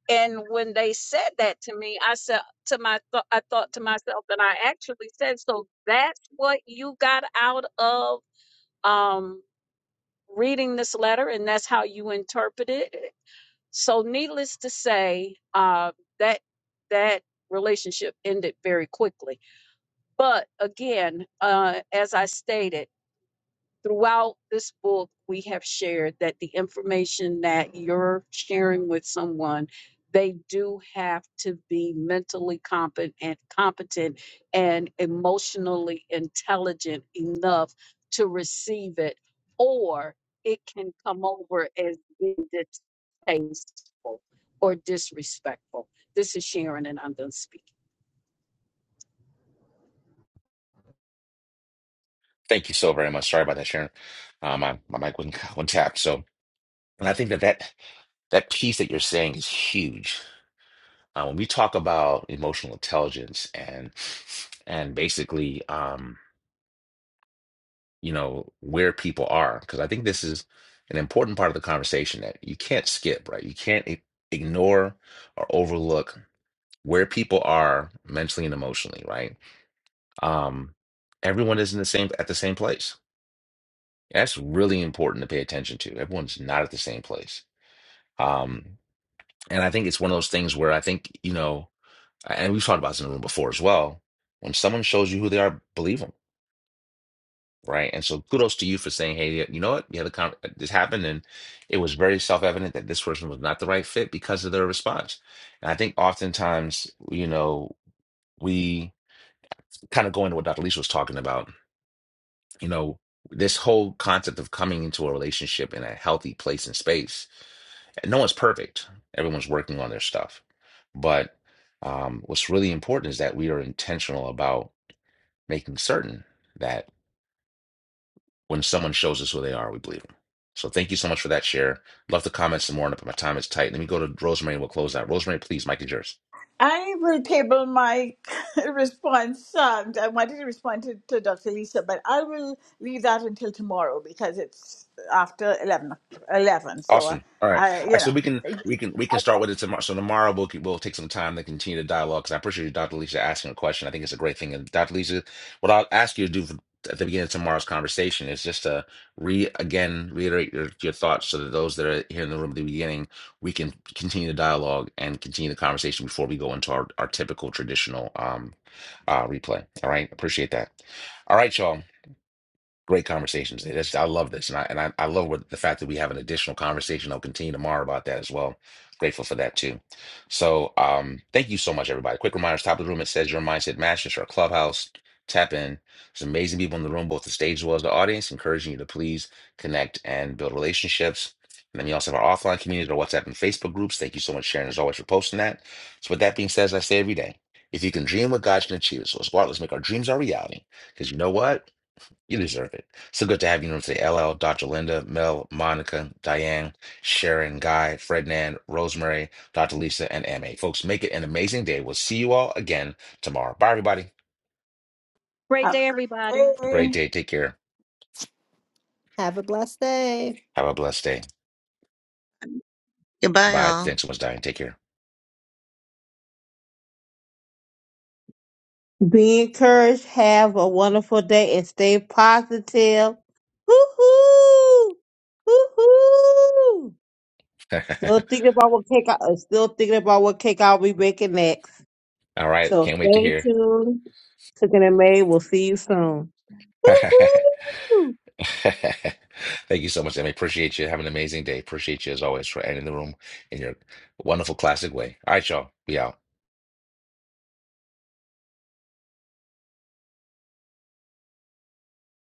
D: and when they said that to me I said to my th- I thought to myself and I actually said so that's what you got out of um reading this letter and that's how you interpret it. So needless to say, uh, that that relationship ended very quickly. But again, uh, as I stated throughout this book, we have shared that the information that you're sharing with someone, they do have to be mentally competent, competent and emotionally intelligent enough to receive it, or it can come over as being distasteful or disrespectful. This is Sharon, and I'm done speaking.
A: Thank you so very much. Sorry about that, Sharon. Uh, my my mic wasn't, wasn't tapped. So, and I think that that that piece that you're saying is huge. Uh, when we talk about emotional intelligence and and basically. um, you know, where people are. Because I think this is an important part of the conversation that you can't skip, right? You can't i- ignore or overlook where people are mentally and emotionally, right? Um, everyone isn't the same at the same place. That's really important to pay attention to. Everyone's not at the same place. Um, and I think it's one of those things where I think, you know, and we've talked about this in the room before as well. When someone shows you who they are, believe them. right? And so kudos to you for saying, hey, you know what? You had a con- uh, this happened, and it was very self-evident that this person was not the right fit because of their response. And I think oftentimes, you know, we kind of go into what Dr. Lisa was talking about, you know, this whole concept of coming into a relationship in a healthy place and space. And no one's perfect. Everyone's working on their stuff. But um, what's really important is that we are intentional about making certain that When someone shows us who they are, we believe them. So thank you so much for that share. Love to comment some more, but my time is tight. Let me go to Rosemary and we'll close out. Rosemary, please, Mike is yours.
E: I will table my response. Um, I wanted to respond to, to Dr. Lisa, but I will leave that until tomorrow because it's after 11. 11 so, uh,
A: Awesome. All right.
E: I,
A: All
E: you
A: right. So we can
E: know,
A: we can we can start with it tomorrow. So tomorrow we'll keep- we'll take some time to continue the dialogue because I appreciate you, Dr. Lisa, asking a question. I think it's a great thing. And Dr. Lisa, what I'll ask you to do at the beginning of tomorrow's conversation is just to re again reiterate your, your thoughts so that those that are here in the room at the beginning we can continue the dialogue and continue the conversation before we go into our, our typical traditional um uh replay. All right. Appreciate that. All right, y'all. Great conversations. That's, I love this, and I and I, I love what the fact that we have an additional conversation. I'll continue tomorrow about that as well. Grateful for that too. So, um, thank you so much, everybody. Quick reminders: top of the room, it says your mindset matches our clubhouse. Tap in. There's amazing people in the room, both the stage as well as the audience, encouraging you to please connect and build relationships. And then we also have our offline community, our WhatsApp and Facebook groups. Thank you so much, Sharon, as always, for posting that. So, with that being said, as I say every day, if you can dream what God can achieve, it. so let's go out, let's make our dreams our reality. Because you know what? You deserve it. So good to have you. You know, say LL, Dr. Linda, Mel, Monica, Diane, Sharon, Guy, Frednan, Rosemary, Dr. Lisa, and MA. Folks, make it an amazing day. We'll see you all again tomorrow. Bye, everybody.
D: Great
E: have a
D: day, everybody.
A: A
E: great
A: great
E: day.
A: day. Take care.
C: Have a blessed day.
A: Have a blessed day.
G: Goodbye,
A: Bye.
G: all.
A: Thanks so much, Diane. Take care.
B: Be encouraged. Have a wonderful day and stay positive. Hoo-hoo! Hoo-hoo! Still thinking about what cake I, uh, still thinking about what cake I'll be making next.
A: All right.
B: So
A: Can't wait to
B: stay
A: hear.
B: tuned. Cooking and May, we'll see you soon.
A: Thank
B: Hoo-hoo!
A: you so much, Emmy. Appreciate you. Have an amazing day. Appreciate you as always for ending the room in your wonderful classic way. All right, y'all. Be out.